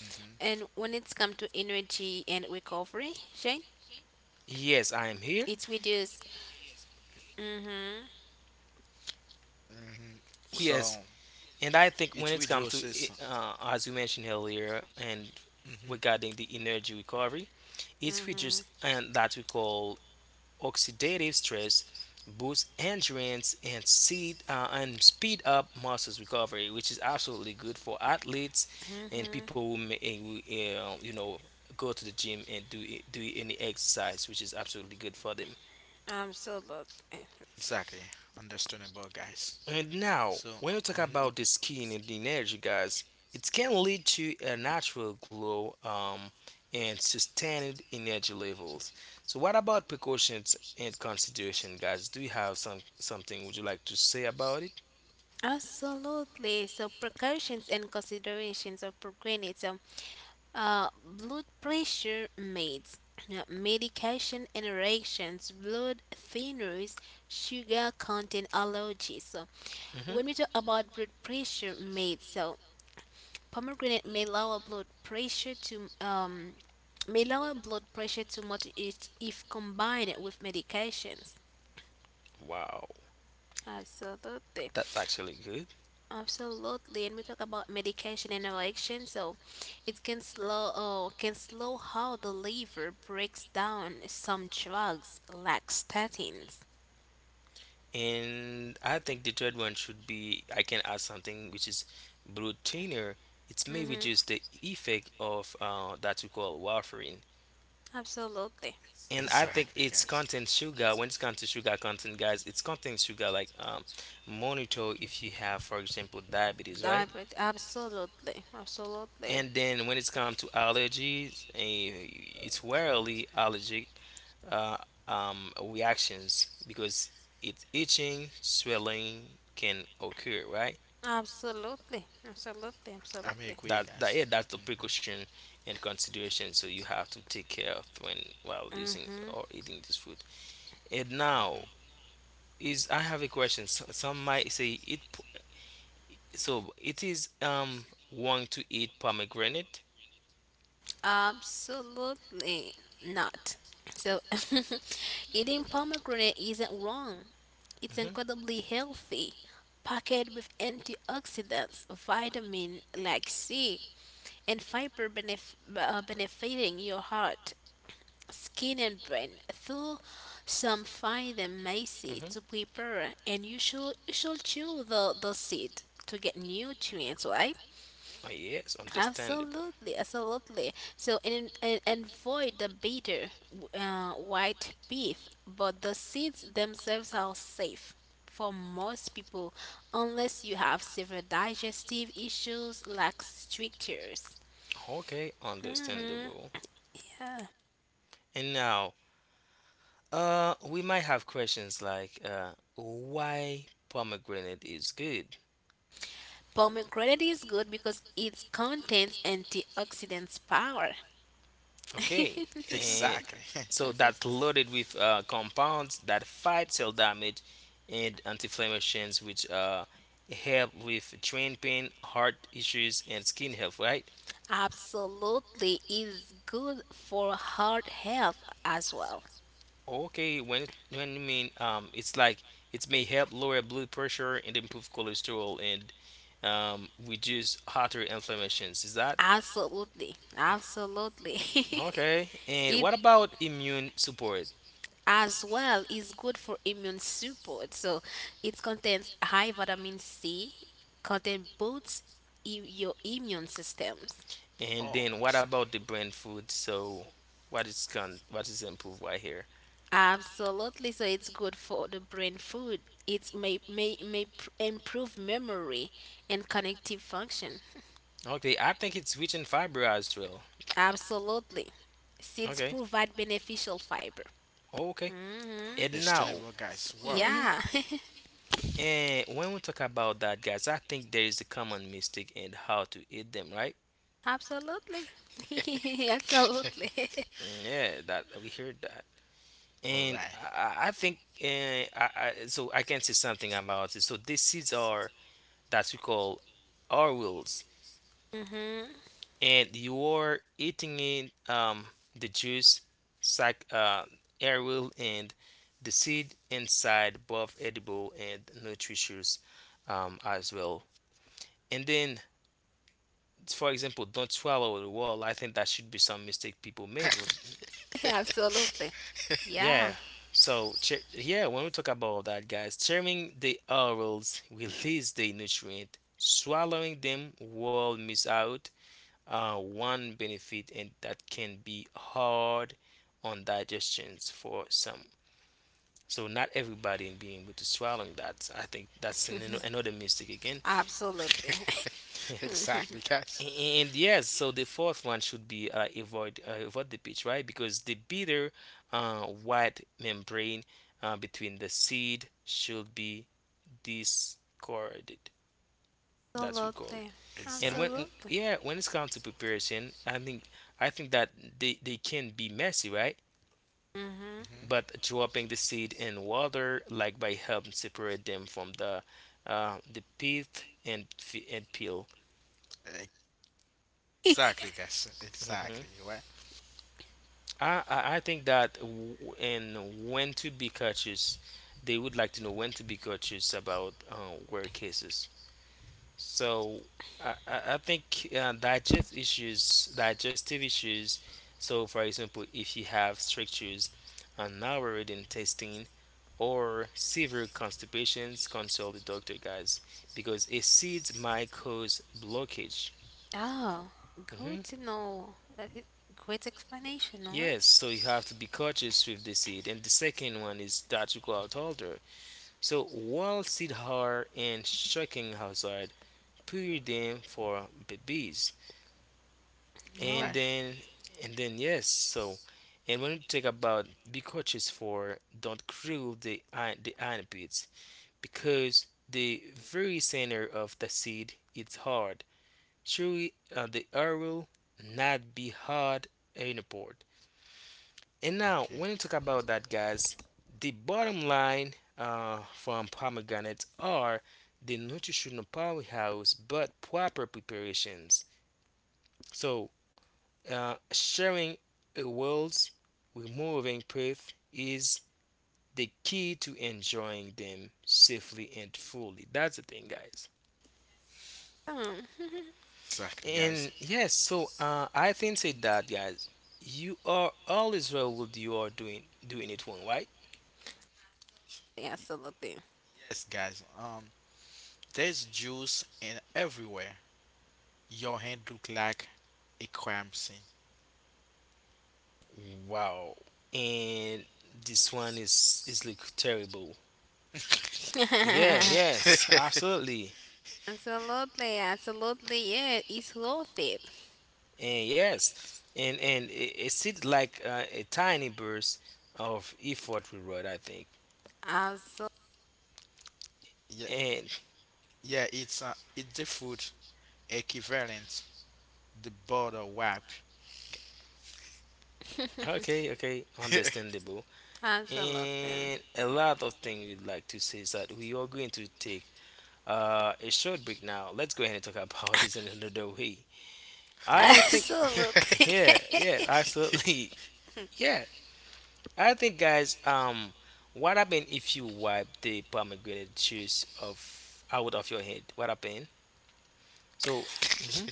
[SPEAKER 1] Hmm.
[SPEAKER 2] And when it's come to energy and recovery, Shane,
[SPEAKER 3] yes, I am here.
[SPEAKER 2] it's reduced. Mm-hmm.
[SPEAKER 1] Hmm.
[SPEAKER 3] Yes,
[SPEAKER 1] So
[SPEAKER 3] and I think when
[SPEAKER 1] it
[SPEAKER 3] it's come to,
[SPEAKER 1] reduces.
[SPEAKER 3] as you mentioned earlier, and
[SPEAKER 1] Hmm.
[SPEAKER 3] regarding the energy recovery, it features and that we call oxidative stress, boosts endurance and speed up muscles recovery, which is absolutely good for athletes and
[SPEAKER 2] Mm-hmm.
[SPEAKER 3] people who may, you know, go to the gym and do any exercise, which is absolutely good for them.
[SPEAKER 2] Absolutely.
[SPEAKER 1] Exactly. Understandable, guys.
[SPEAKER 3] And now,
[SPEAKER 1] So,
[SPEAKER 3] when we talk
[SPEAKER 1] mhm.
[SPEAKER 3] about the skin and the energy, guys, it can lead to a natural glow and sustained energy levels. So, what about precautions and consideration, guys? Do you have some something would you like to say about it?
[SPEAKER 2] Absolutely. So precautions and considerations of procrastinate blood pressure meds, medication interactions, blood thinners, sugar content allergies. So,
[SPEAKER 3] hmm
[SPEAKER 2] when we talk about blood pressure made so pomegranate may lower blood pressure to may lower blood pressure too much if combined with medications,
[SPEAKER 3] Wow,
[SPEAKER 2] absolutely
[SPEAKER 3] that's actually good.
[SPEAKER 2] absolutely, and we talk about medication interaction so it can can slow how the liver breaks down some drugs like statins.
[SPEAKER 3] And I think the third one should be I can add something which is blue thinner. It may
[SPEAKER 2] Mm-hmm.
[SPEAKER 3] reduce the effect of that we call warfarin.
[SPEAKER 2] Absolutely.
[SPEAKER 3] And I
[SPEAKER 2] So,
[SPEAKER 1] Exactly,
[SPEAKER 3] think
[SPEAKER 1] guys.
[SPEAKER 3] it's content sugar. When it's come to sugar content, guys, it's content sugar. Like monitor if you have, for example, diabetes, right?
[SPEAKER 2] diabet- absolutely absolutely.
[SPEAKER 3] And then when it's come to allergies, eh, it's rarely allergic uh, reactions because it's itching, swelling can occur, right?
[SPEAKER 2] Absolutely, absolutely,
[SPEAKER 1] I may
[SPEAKER 2] absolutely.
[SPEAKER 1] agree,
[SPEAKER 3] That
[SPEAKER 1] guys.
[SPEAKER 3] that yeah, that's the
[SPEAKER 1] Hmm.
[SPEAKER 3] precaution and consideration. So you have to take care of when while using
[SPEAKER 2] Mm-hmm.
[SPEAKER 3] or eating this food. And
[SPEAKER 1] Hmm.
[SPEAKER 3] now is I have a question. Some might say it. So it is wrong to eat pomegranate.
[SPEAKER 2] Absolutely not. So, eating pomegranate isn't wrong. It's
[SPEAKER 3] hmm
[SPEAKER 2] incredibly healthy, packed with antioxidants, vitamin like C, and fiber benefiting your heart, skin, and brain. Though some find them messy
[SPEAKER 3] hmm
[SPEAKER 2] to prepare, and you should chew the seed to get nutrients, right?
[SPEAKER 3] Ah, yes, understandable.
[SPEAKER 2] Absolutely, absolutely. So and avoid the bitter white beef, but the seeds themselves are safe for most people, unless you have severe digestive issues like strictures.
[SPEAKER 3] Okay,
[SPEAKER 2] Mm-hmm.
[SPEAKER 3] understandable.
[SPEAKER 2] Yeah.
[SPEAKER 3] And now, we might have questions like, why pomegranate is good?
[SPEAKER 2] Pomegranate is good because it contains antioxidants power.
[SPEAKER 3] Okay, and
[SPEAKER 1] Exactly.
[SPEAKER 3] so that's loaded with compounds that fight cell damage and anti-inflammations, which help with joint pain, heart issues, and skin health, right?
[SPEAKER 2] Absolutely, it's good for heart health as well.
[SPEAKER 3] Okay, when you mean it's like it may help lower blood pressure and improve cholesterol and reduce artery inflammations. Is that
[SPEAKER 2] Absolutely, absolutely.
[SPEAKER 3] okay? And
[SPEAKER 2] It
[SPEAKER 3] what about immune support?
[SPEAKER 2] as well is good for immune support. So it contains high vitamin C, contain boosts your immune systems.
[SPEAKER 3] And
[SPEAKER 1] oh,
[SPEAKER 3] then what
[SPEAKER 1] ex-
[SPEAKER 3] about the brain food? So what is improved right here?
[SPEAKER 2] Absolutely. So it's good for the brain food. It may improve memory and cognitive function.
[SPEAKER 3] Okay, I think it's rich in fiber as well.
[SPEAKER 2] Absolutely. Seeds
[SPEAKER 3] Okay,
[SPEAKER 2] provide beneficial fiber.
[SPEAKER 3] okay.
[SPEAKER 2] Hmm.
[SPEAKER 3] And now,
[SPEAKER 1] Sustainable, guys. Wow.
[SPEAKER 3] Mhm.
[SPEAKER 2] Yeah.
[SPEAKER 3] And when we talk about that, guys, I think there is a common mistake in how to eat them, right?
[SPEAKER 2] Absolutely. Absolutely.
[SPEAKER 3] Mm, yeah, that we heard that,
[SPEAKER 1] All
[SPEAKER 3] and
[SPEAKER 1] right.
[SPEAKER 3] I think, I can say something about it. So this seeds are that we call our,
[SPEAKER 2] Mm-hmm.
[SPEAKER 3] and you are eating in the juice, sac air and the seed inside, both edible and nutritious, as well. And then for example, don't swallow the wall. I think that should be some mistake people make. With-
[SPEAKER 2] Absolutely. Yeah.
[SPEAKER 3] Yeah. So, when we talk about that, guys, chewing the orals release the nutrient. Swallowing them will miss out one benefit, and that can be hard on digestions for some. So, not everybody being able to swallow that. I think that's another mistake again.
[SPEAKER 2] Absolutely.
[SPEAKER 1] Exactly, guys.
[SPEAKER 3] And yes, so the fourth one should be avoid avoid the pitch, right? Because the bitter white membrane between the seed should be discarded. That's what we call.
[SPEAKER 2] Absolutely.
[SPEAKER 3] And when
[SPEAKER 1] Exactly.
[SPEAKER 2] Absolutely.
[SPEAKER 3] yeah, when it's come to preparation, I think that they can be messy, right?
[SPEAKER 2] Mm-hmm.
[SPEAKER 1] Hmm.
[SPEAKER 3] But dropping the seed in water, like by helping separate them from the the pith and and peel.
[SPEAKER 1] Exactly, guys.
[SPEAKER 3] Mm-hmm.
[SPEAKER 1] Exactly. Right.
[SPEAKER 3] I think that in when to be cautious, they would like to know when to be cautious about rare cases. So I think digestive issues. So for example, if you have strictures on narrow intestine or severe constipations, consult the doctor, guys, because acids might cause blockage.
[SPEAKER 2] Oh,
[SPEAKER 3] Mm-hmm.
[SPEAKER 2] good to know. That is great explanation, no? Eh?
[SPEAKER 3] Yes, so you have to be cautious with the seed. And the second one is that you go out older. So while seed hard and shocking outside, prepare them for babies.
[SPEAKER 1] All
[SPEAKER 3] And
[SPEAKER 2] No.
[SPEAKER 1] right.
[SPEAKER 3] then and then yes, so and when you talk about be cautious for don't crew the the armpits because the very center of the seed is hard. Surely the air will not be hard anymore. And now,
[SPEAKER 1] Okay.
[SPEAKER 3] when you talk about that, guys, the bottom line from pomegranates are the nutritional powerhouse, but proper preparations. So, sharing a world's removing proof is the key to enjoying them safely and fully. That's the thing, guys.
[SPEAKER 2] Um,
[SPEAKER 1] Exactly, guys.
[SPEAKER 3] And yes, so I think say that, guys, you are always well with you are doing it wrong, right?
[SPEAKER 2] yeah, absolutely.
[SPEAKER 1] Yes, guys. There's juice in everywhere. Your hand look like a crime scene.
[SPEAKER 3] Wow. And this one is like terrible. Yeah, yes, absolutely.
[SPEAKER 2] Absolutely. Absolutely. Yeah, it's worth it.
[SPEAKER 3] And yes. And it, it's it like a tiny burst of effort reward, I think.
[SPEAKER 2] Absolutely.
[SPEAKER 1] Yeah,
[SPEAKER 3] And
[SPEAKER 1] yeah. It's the food equivalent, the border wipe.
[SPEAKER 3] okay, okay, understandable.
[SPEAKER 2] Absolutely.
[SPEAKER 3] And a lot of things we'd like to say is that we are going to take a short break now. Let's go ahead and talk about this in another way. I think,
[SPEAKER 2] Absolutely.
[SPEAKER 3] yeah, yeah, absolutely, yeah. I think, guys, what happened if you wipe the pomegranate juice of out of your head? What happened? So, hmm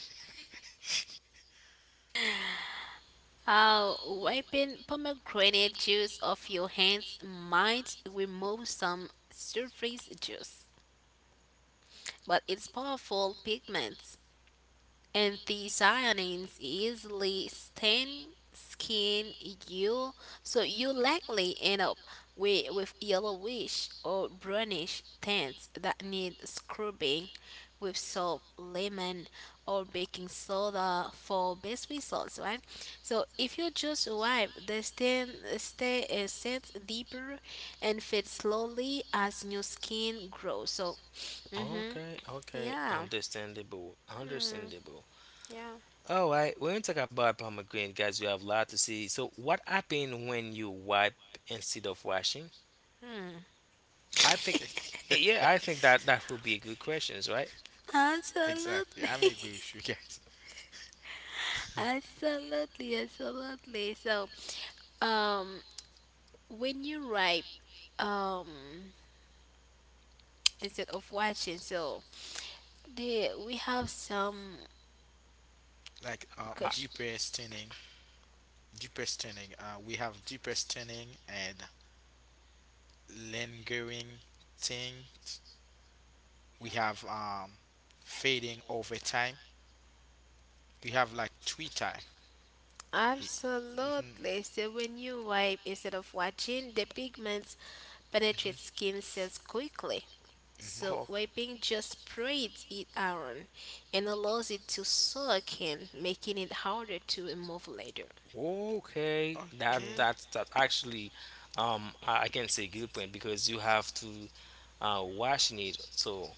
[SPEAKER 2] How wiping pomegranate juice off your hands might remove some surface juice, but it's powerful pigment anthocyanins easily stain skin you, so you likely end up with yellowish or brownish tints that need scrubbing with salt, lemon, or baking soda for best results, right? So if you just wipe, the stain stay sets deeper and fades slowly as new skin grows. So, mhm,
[SPEAKER 3] okay, okay,
[SPEAKER 2] yeah,
[SPEAKER 3] understandable,
[SPEAKER 2] mm,
[SPEAKER 3] understandable.
[SPEAKER 2] yeah.
[SPEAKER 3] All right, when we talk about pomegranate, guys, we have a lot to see. So, what happened when you wipe instead of washing?
[SPEAKER 2] Hmm.
[SPEAKER 3] I think, yeah, I think that would be a good questions, right?
[SPEAKER 1] Exactly. I'm
[SPEAKER 2] Absolutely.
[SPEAKER 1] agree with you guys.
[SPEAKER 2] Absolutely, absolutely. So, um when you write um instead of watching, so the we have some
[SPEAKER 1] Like,
[SPEAKER 3] Uh,
[SPEAKER 2] question.
[SPEAKER 1] deeper stunning, deeper stunning. We have deeper stunning and lingering tint. We have fading over time. We have like three time. Mm-hmm,
[SPEAKER 2] Absolutely. So when you wipe instead of watching, the pigments penetrate
[SPEAKER 1] mm-hmm.
[SPEAKER 2] skin cells quickly. So
[SPEAKER 3] okay.
[SPEAKER 1] Mm-hmm.
[SPEAKER 2] wiping just spreads it around and allows it to soak in, making it harder to remove later.
[SPEAKER 3] Okay, that
[SPEAKER 1] Okay.
[SPEAKER 2] Mm.
[SPEAKER 3] that's that actually, I can say good point because you have to washing it. So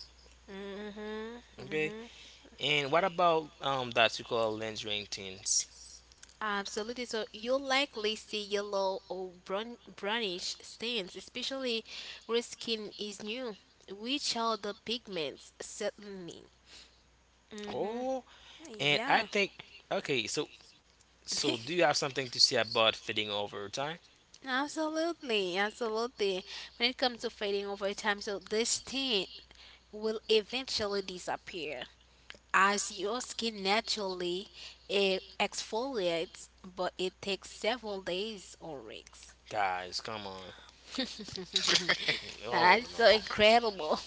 [SPEAKER 2] Mm-hmm,
[SPEAKER 3] okay,
[SPEAKER 2] mm-hmm.
[SPEAKER 3] and what about that you call lens ring things?
[SPEAKER 2] Absolutely. So you'll likely see yellow or brown, brownish stains, especially where skin is new, which are the pigments certainly. Mm-hmm.
[SPEAKER 3] Oh, and I
[SPEAKER 2] Yeah.
[SPEAKER 3] think okay. So so do you have something to say about fitting over time,
[SPEAKER 2] Absolutely, absolutely. When it comes to fading over time, so this stain will eventually disappear as your skin naturally it exfoliates, but it takes several days or weeks.
[SPEAKER 3] guys? Come on. Oh
[SPEAKER 2] That's
[SPEAKER 3] no.
[SPEAKER 2] so incredible.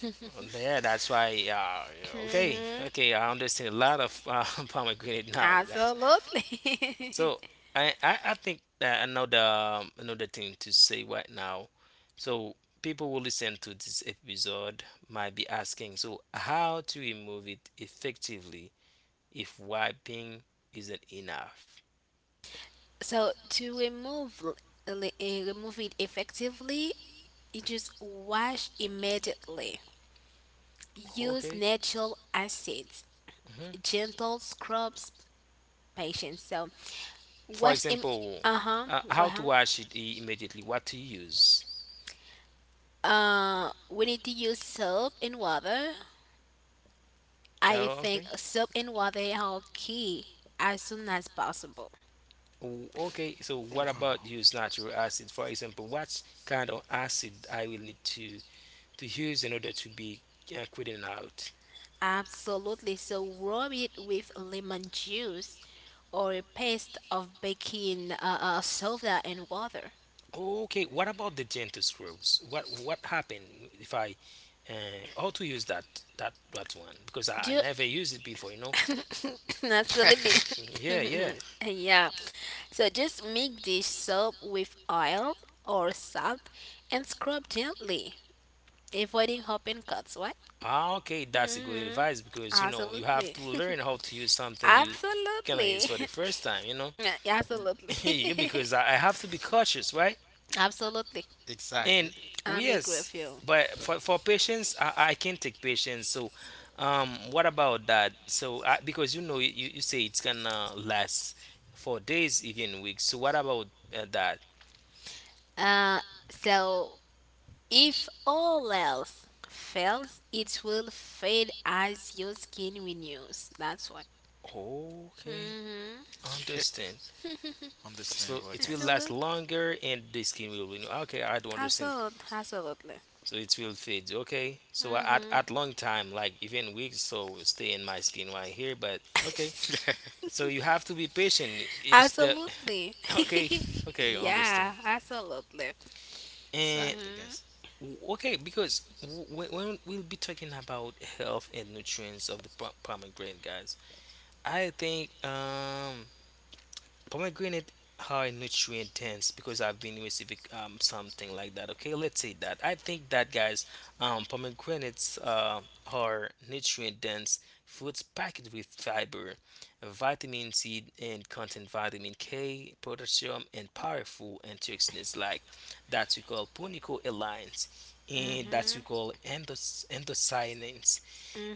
[SPEAKER 3] Yeah, that's why. Yeah, yeah, okay,
[SPEAKER 2] Hmm.
[SPEAKER 3] okay. I understand a lot of pomegranate now. That's
[SPEAKER 2] Absolutely.
[SPEAKER 3] so. I think that another another thing to say right now. So people who listen to this episode might be asking, so how to remove it effectively if wiping isn't enough?
[SPEAKER 2] So to remove remove it effectively, you just wash immediately. Use
[SPEAKER 3] Okay.
[SPEAKER 2] natural acids,
[SPEAKER 3] hmm
[SPEAKER 2] gentle scrubs, patience. So
[SPEAKER 3] For
[SPEAKER 2] wash
[SPEAKER 3] example,
[SPEAKER 2] uh huh. Go
[SPEAKER 3] how to
[SPEAKER 2] ahead.
[SPEAKER 3] wash it immediately? What to use?
[SPEAKER 2] We need to use soap and water. I
[SPEAKER 3] Oh,
[SPEAKER 2] think
[SPEAKER 3] okay.
[SPEAKER 2] soap and water are key as soon as possible.
[SPEAKER 3] Okay, so what
[SPEAKER 1] Wow.
[SPEAKER 3] about use natural acid? For example, what kind of acid I will need to use in order to be quitting out?
[SPEAKER 2] Absolutely. So rub it with lemon juice or a paste of baking soda and water.
[SPEAKER 3] Okay, what about the gentle scrubs? What happened if I uh, how to use that one? Because I
[SPEAKER 2] Ju-
[SPEAKER 3] never used it before, you know.
[SPEAKER 2] Absolutely.
[SPEAKER 3] Yeah, yeah.
[SPEAKER 2] Yeah. So just mix this soap with oil or salt and scrub gently, avoiding open cuts. What?
[SPEAKER 3] Ah, okay, that's a good
[SPEAKER 2] Hmm.
[SPEAKER 3] advice because you know you have
[SPEAKER 2] Absolutely.
[SPEAKER 3] to learn how to use something you cannot use
[SPEAKER 2] Absolutely.
[SPEAKER 3] for the first time. You know,
[SPEAKER 2] Yeah, absolutely.
[SPEAKER 3] yeah, because I have to be cautious, right?
[SPEAKER 2] Absolutely.
[SPEAKER 3] And
[SPEAKER 1] Exactly.
[SPEAKER 3] oh,
[SPEAKER 2] I'm agree
[SPEAKER 3] yes,
[SPEAKER 2] with you.
[SPEAKER 3] but for patients, I can take patients. So, what about that? So, because you know you say it's gonna last for days, even weeks. So, what about that?
[SPEAKER 2] Uh, so if all else fails, it will fade as your skin renews. That's why.
[SPEAKER 3] Okay,
[SPEAKER 2] Mhm.
[SPEAKER 3] understand. So
[SPEAKER 1] Understandable,
[SPEAKER 3] it will
[SPEAKER 1] guys.
[SPEAKER 3] last
[SPEAKER 2] Absolutely.
[SPEAKER 3] longer, and the skin will renew. Okay, I do understand.
[SPEAKER 2] Absolutely. Absolutely.
[SPEAKER 3] So it will fade okay so
[SPEAKER 2] Mhm.
[SPEAKER 3] at long time like even weeks so stay in my skin right here but okay so you have to be patient it's the
[SPEAKER 2] Absolutely.
[SPEAKER 3] okay okay understand
[SPEAKER 2] Yeah. Absolutely.
[SPEAKER 3] and
[SPEAKER 1] Exactly,
[SPEAKER 2] Mhm.
[SPEAKER 1] guys.
[SPEAKER 3] okay because when we'll be talking about health and nutrients of the pomegranate guys I think pomegranate are nutrient dense because I've been receiving something like that. Okay, let's say that. I think that guys, pomegranates are nutrient dense fruits packed with fiber, vitamin C, and contain vitamin K, potassium, and powerful antioxidants like that we call punicoalines and that we
[SPEAKER 2] Mhm.
[SPEAKER 3] call endocyanins.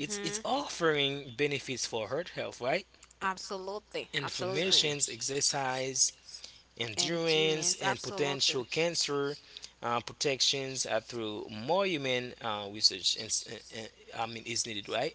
[SPEAKER 3] It's offering benefits for heart health, right?
[SPEAKER 2] Absolutely. Absolutely.
[SPEAKER 1] Exactly.
[SPEAKER 3] Inflammations, exercise, endurance,
[SPEAKER 2] Endurance.
[SPEAKER 3] and
[SPEAKER 2] Absolutely.
[SPEAKER 3] potential cancer protections through more human research. I mean, is needed, right?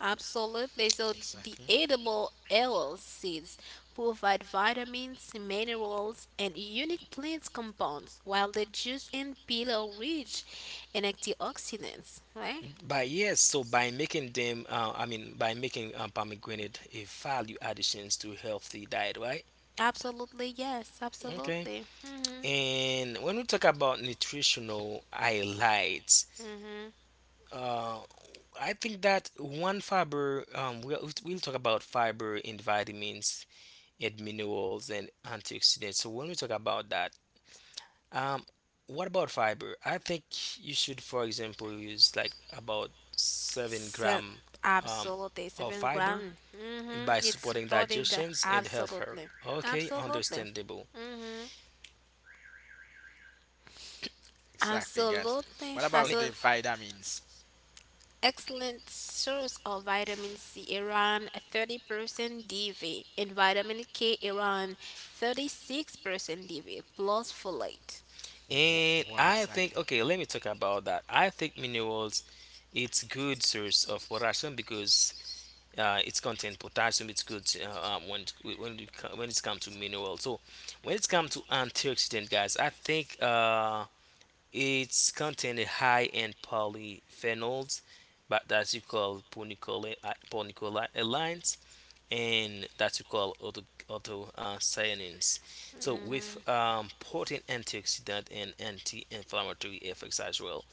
[SPEAKER 2] Absolutely. So the
[SPEAKER 1] Exactly.
[SPEAKER 2] edible aloe seeds provide vitamins, minerals, and unique plant compounds, while the juice and peel are rich in antioxidants. Right?
[SPEAKER 3] But yes, so by making them, I mean, by making pomegranate a value additions to healthy diet, right?
[SPEAKER 2] Absolutely. Yes.
[SPEAKER 3] Okay.
[SPEAKER 2] Absolutely. Mhm.
[SPEAKER 3] And when we talk about nutritional highlights,
[SPEAKER 2] Mhm.
[SPEAKER 3] uh, I think that one fiber, we'll talk about fiber and vitamins and minerals and antioxidants. So when we talk about that, Um, what about fiber? I think you should, for example, use like about seven
[SPEAKER 2] So
[SPEAKER 3] gram um,
[SPEAKER 2] absolutely
[SPEAKER 3] of
[SPEAKER 2] seven
[SPEAKER 3] fiber
[SPEAKER 2] gram. Mhm.
[SPEAKER 3] by
[SPEAKER 2] It's
[SPEAKER 3] supporting
[SPEAKER 2] supporting the
[SPEAKER 3] digestions and health. Her.
[SPEAKER 2] absolutely.
[SPEAKER 3] Okay,
[SPEAKER 2] Absolutely.
[SPEAKER 3] understandable.
[SPEAKER 2] Mhm.
[SPEAKER 1] Exactly, guys.
[SPEAKER 2] Absolutely.
[SPEAKER 1] What
[SPEAKER 3] Mi-
[SPEAKER 1] about the
[SPEAKER 2] Absolutely.
[SPEAKER 1] vitamins?
[SPEAKER 2] Excellent source of vitamin C around 30% DV and vitamin K around 36% DV plus folate.
[SPEAKER 1] Wh-
[SPEAKER 3] And
[SPEAKER 1] Wow,
[SPEAKER 3] I
[SPEAKER 1] exactly.
[SPEAKER 3] think okay, let me talk about that. I think minerals, it's good source of potassium because it's contain potassium. It's good when when it when it's come to minerals. So when it's come to antioxidant, guys, I think it's contain a high in polyphenols, but that you call and that you call auto so with
[SPEAKER 2] Mhm,
[SPEAKER 3] potent antioxidant and anti-inflammatory effects as well.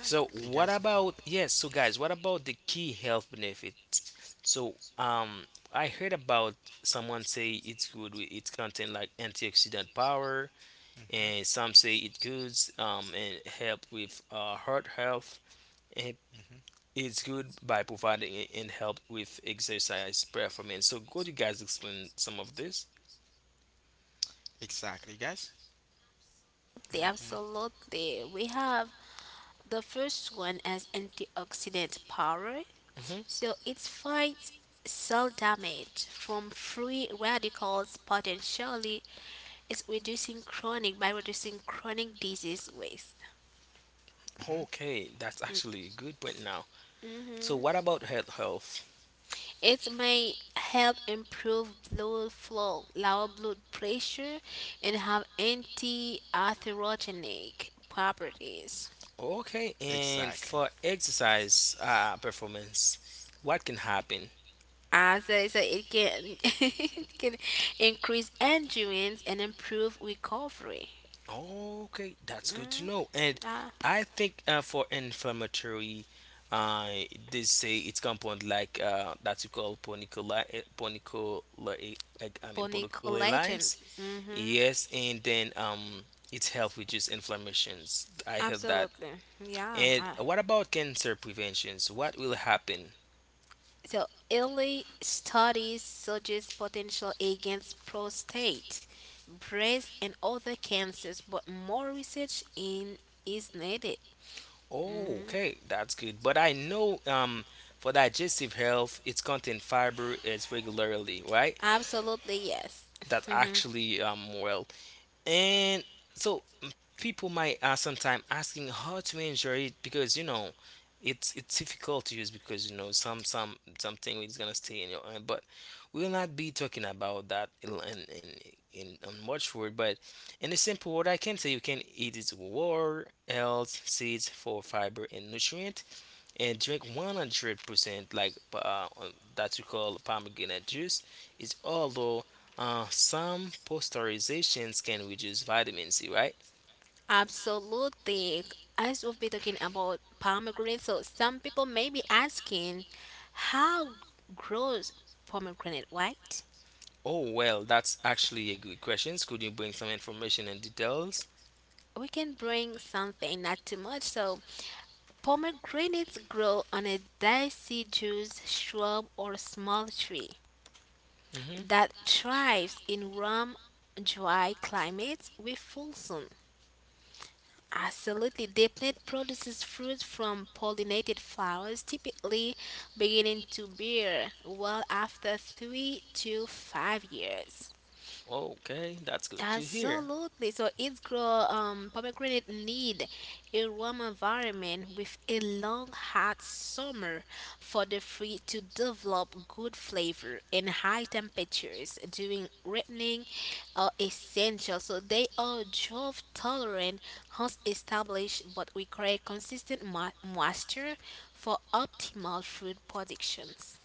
[SPEAKER 3] So
[SPEAKER 1] Okay,
[SPEAKER 3] what
[SPEAKER 1] guys.
[SPEAKER 3] about yes? So guys, what about the key health benefits? So I heard about someone say it's good. It contain like antioxidant power,
[SPEAKER 1] Mhm,
[SPEAKER 3] and some say it good and help with heart health and
[SPEAKER 1] mhm.
[SPEAKER 3] it's good by providing it and help with exercise performance so could you guys explain some of this
[SPEAKER 1] Exactly, guys.
[SPEAKER 2] Absolutely,
[SPEAKER 1] Mhm,
[SPEAKER 2] absolutely. We have the first one as antioxidant power.
[SPEAKER 3] hmm
[SPEAKER 2] So it fights cell damage from free radicals, potentially it's reducing chronic by reducing chronic disease waste.
[SPEAKER 1] mhm.
[SPEAKER 3] okay that's actually a good point now so what
[SPEAKER 2] Mm-hmm.
[SPEAKER 3] about health health
[SPEAKER 2] It may help improve blood flow, lower blood pressure, and have anti-atherogenic properties.
[SPEAKER 3] okay and
[SPEAKER 1] Exactly.
[SPEAKER 3] for exercise performance what can happen.
[SPEAKER 2] As I said, it can it can increase endurance and improve recovery.
[SPEAKER 3] Okay, that's good to
[SPEAKER 2] Mm.
[SPEAKER 3] know. And
[SPEAKER 2] Ah,
[SPEAKER 3] I think for inflammatory, uh, they say it's compound like that you call ponicula, I mean
[SPEAKER 2] bony
[SPEAKER 3] ponicula
[SPEAKER 2] collagen.
[SPEAKER 3] lines.
[SPEAKER 2] Hmm.
[SPEAKER 3] Yes, and then it helps reduce inflammations. I heard that.
[SPEAKER 2] Absolutely. Yeah,
[SPEAKER 3] And
[SPEAKER 2] I.
[SPEAKER 3] what about cancer preventions? What will happen?
[SPEAKER 2] So early studies suggest potential against prostate, breast, and other cancers, but more research in is needed.
[SPEAKER 3] Oh,
[SPEAKER 2] Mhm.
[SPEAKER 3] okay, that's good. But I know for digestive health, it's contain fiber as regularly, right?
[SPEAKER 2] Absolutely, yes.
[SPEAKER 3] That actually well. And so people might sometimes asking how to enjoy it because you know it's difficult to use because you know some something is gonna stay in your mind. But we will not be talking about that in much word. But in a simple word, I can say you can eat it with water, else seeds for fiber and nutrient and drink 100% like that you call pomegranate juice is although some pasteurizations can reduce vitamin C, right?
[SPEAKER 2] Absolutely. As we've been talking about pomegranate, so some people may be asking, how grows pomegranate, right?
[SPEAKER 3] Oh well, that's actually a good question. Could you bring some information and details?
[SPEAKER 2] We can bring something, not too much. So pomegranates grow on a deciduous shrub or small tree
[SPEAKER 3] Mm-hmm.
[SPEAKER 2] that thrives in warm, dry climates with full sun. Absolutely, the plant produces fruit from pollinated flowers, typically beginning to bear well after 3 to 5 years.
[SPEAKER 3] Okay, that's good to hear.
[SPEAKER 2] Absolutely. So it's grow, um, pomegranate need a warm environment with a long hot summer for the fruit to develop good flavor, and high temperatures during ripening are essential. So they are drought tolerant once established but require consistent moisture for optimal fruit productions.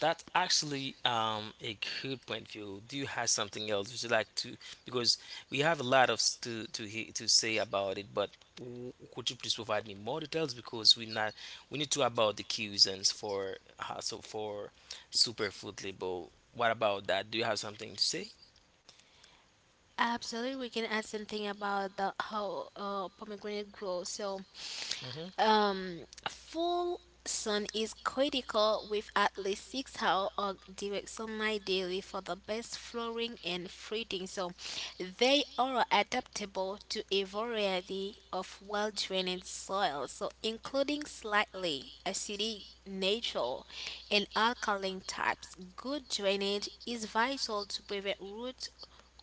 [SPEAKER 3] That's actually a good point of view. Do you have something else would you like to? Because we have a lot of to to say about it, but could you please provide me more details? Because we not we need to about the cuisines for so for superfood label. What about that? Do you have something to say?
[SPEAKER 2] Absolutely, we can add something about the how pomegranate grows.
[SPEAKER 3] Mm-hmm.
[SPEAKER 2] Um, Full sun is critical with at least 6 hours of direct sunlight daily for the best flowering and fruiting. So they are adaptable to a variety of well drained soils, so including slightly acidic natural and alkaline types. Good drainage is vital to prevent root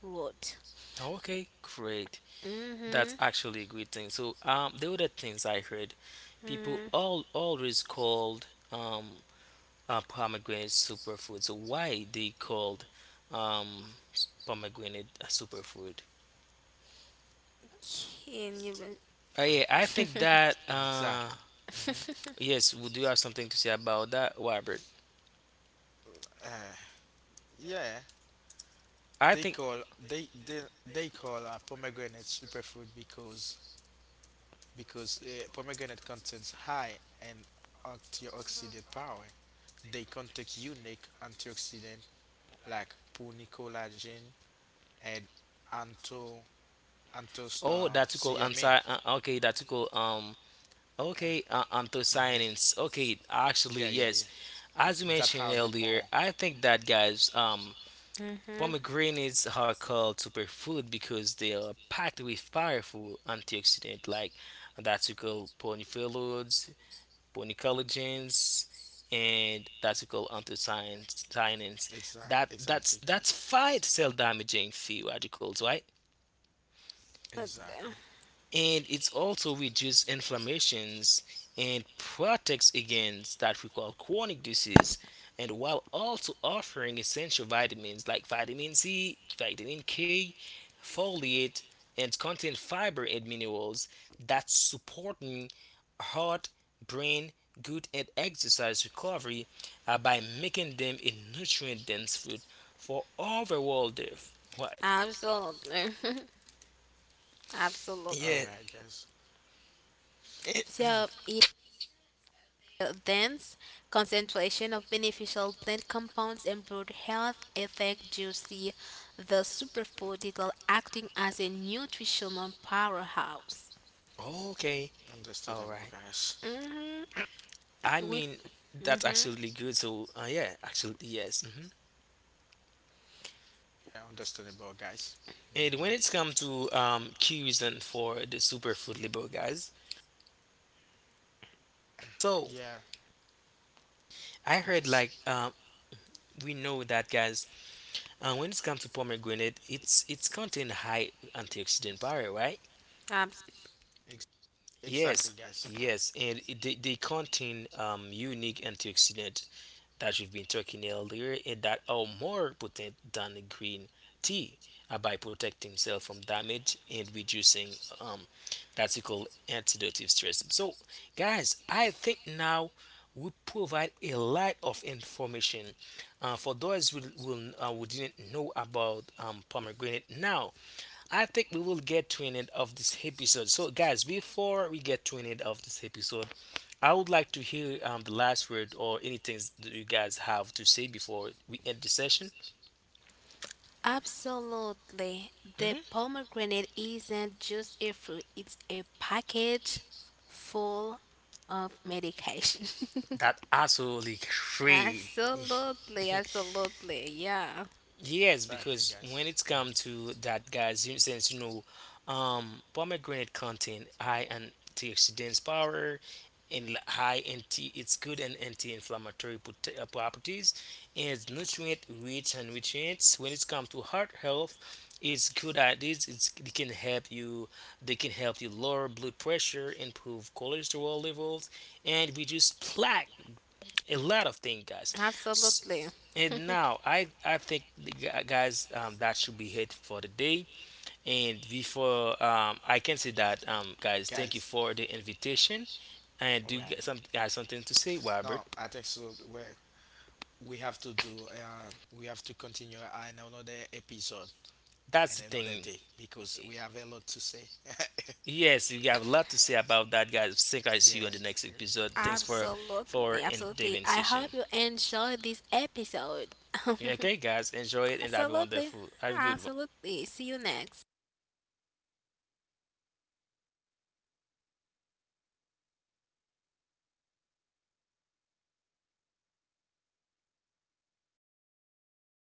[SPEAKER 2] rot.
[SPEAKER 3] Okay, great. That's
[SPEAKER 2] Mm-hmm.
[SPEAKER 3] actually a good thing. So the other things I heard, people
[SPEAKER 2] Mm-hmm.
[SPEAKER 3] all always called pomegranate superfood. So why they called um, pomegranate a superfood?
[SPEAKER 2] Can you?
[SPEAKER 3] Yeah, I think that
[SPEAKER 1] Exactly. Mm-hmm.
[SPEAKER 3] yes, we do have something to say about that, Robert.
[SPEAKER 1] Uh, yeah.
[SPEAKER 3] I
[SPEAKER 1] They
[SPEAKER 3] think
[SPEAKER 1] call they they, they call pomegranate superfood because pomegranate contains high in antioxidant power. They contain unique antioxidant like punicolagen and anto antos
[SPEAKER 3] oh that's called
[SPEAKER 1] cyamin.
[SPEAKER 3] anti okay that's called okay anthocyanins okay actually
[SPEAKER 1] Yeah, yeah,
[SPEAKER 3] yes
[SPEAKER 1] yeah.
[SPEAKER 3] as you
[SPEAKER 1] That
[SPEAKER 3] mentioned
[SPEAKER 1] how they
[SPEAKER 3] earlier
[SPEAKER 1] more
[SPEAKER 3] I think that guys
[SPEAKER 2] Mm-hmm.
[SPEAKER 3] pomegranates are called superfood because they are packed with powerful antioxidants like that we call polyphenols, polycollagens, and that we call anthocyanins.
[SPEAKER 1] exact
[SPEAKER 3] That that's
[SPEAKER 1] exactly
[SPEAKER 3] that's
[SPEAKER 1] guys.
[SPEAKER 3] fight cell damaging free radicals, right?
[SPEAKER 1] Exactly.
[SPEAKER 3] And it's also reduces inflammations and protects against that we call chronic disease and while also offering essential vitamins like vitamin C, vitamin K, folate and contain fiber and minerals that supporting heart, brain, good and exercise recovery by making them a nutrient dense food for overall health. What?
[SPEAKER 2] Absolutely.
[SPEAKER 1] All
[SPEAKER 3] Yeah.
[SPEAKER 2] Absolutely.
[SPEAKER 1] right, guys.
[SPEAKER 2] So, in the dense concentration of beneficial plant compounds and broad health effect, juicy, the superfood is acting as a nutritional powerhouse.
[SPEAKER 3] Okay. All
[SPEAKER 1] Understandable,
[SPEAKER 3] right.
[SPEAKER 1] guys.
[SPEAKER 2] Mm-hmm.
[SPEAKER 3] I
[SPEAKER 2] With,
[SPEAKER 3] mean, that's
[SPEAKER 2] mm-hmm.
[SPEAKER 3] absolutely good. So, yeah, absolutely, yes.
[SPEAKER 1] Yeah, understandable, guys. Hmm.
[SPEAKER 3] And when it's come to key reason for the superfood label, guys. So,
[SPEAKER 1] Yeah,
[SPEAKER 3] I heard
[SPEAKER 1] it's,
[SPEAKER 3] like we know that, guys. When it's come to pomegranate, it's contain high antioxidant power, right?
[SPEAKER 2] Abs-
[SPEAKER 1] ex- exactly,
[SPEAKER 3] Yes,
[SPEAKER 1] guys.
[SPEAKER 3] yes, and they contain unique antioxidant that we have been talking earlier and that are more potent than green tea by protecting cell from damage and reducing um, that's called oxidative stress. So, guys, I think now we provide a lot of information for those who, who didn't know about pomegranate. Now, I think we will get to an end of this episode. So, guys, before we get to an end of this episode, I would like to hear the last word or anything that you guys have to say before we end the session.
[SPEAKER 2] Absolutely. The
[SPEAKER 3] Mhm.
[SPEAKER 2] pomegranate isn't just a fruit, it's a package full of medication.
[SPEAKER 3] That absolutely great.
[SPEAKER 2] Absolutely, absolutely, yeah,
[SPEAKER 3] Yes,
[SPEAKER 1] Exactly,
[SPEAKER 3] because when
[SPEAKER 1] guys.
[SPEAKER 3] it's come
[SPEAKER 1] Hmm.
[SPEAKER 3] to that, guys, since you know, pomegranate contain high antioxidants power and high it's good and anti-inflammatory properties, and it's nutrient rich and nutrients. When it's come to heart health, it's good at this. It can help you. They can help you lower blood pressure, improve cholesterol levels, and reduce plaque. A lot of things, guys.
[SPEAKER 2] absolutely,
[SPEAKER 3] And now I think the guys that should be it for the day. And before I can say that guys, thank you
[SPEAKER 1] Guys,
[SPEAKER 3] for the invitation. And
[SPEAKER 1] all
[SPEAKER 3] do you
[SPEAKER 1] right.
[SPEAKER 3] get some guys something to say, Robert?
[SPEAKER 1] No, I think so. We have to do. We have to continue in another episode
[SPEAKER 3] That's
[SPEAKER 1] and
[SPEAKER 3] the
[SPEAKER 1] another
[SPEAKER 3] thing.
[SPEAKER 1] day because we have a lot to say.
[SPEAKER 3] Yes, you have a lot to say about that, guys. Think I
[SPEAKER 1] Yeah,
[SPEAKER 3] see you in the next
[SPEAKER 1] exactly.
[SPEAKER 3] episode. Thanks
[SPEAKER 1] Yeah.
[SPEAKER 3] for
[SPEAKER 2] absolutely,
[SPEAKER 3] in the
[SPEAKER 2] absolutely. I
[SPEAKER 3] invitation.
[SPEAKER 2] hope you enjoyed this episode.
[SPEAKER 3] Okay, guys, enjoy it and have a
[SPEAKER 2] Absolutely,
[SPEAKER 3] wonderful, have a good one.
[SPEAKER 2] absolutely. See you next.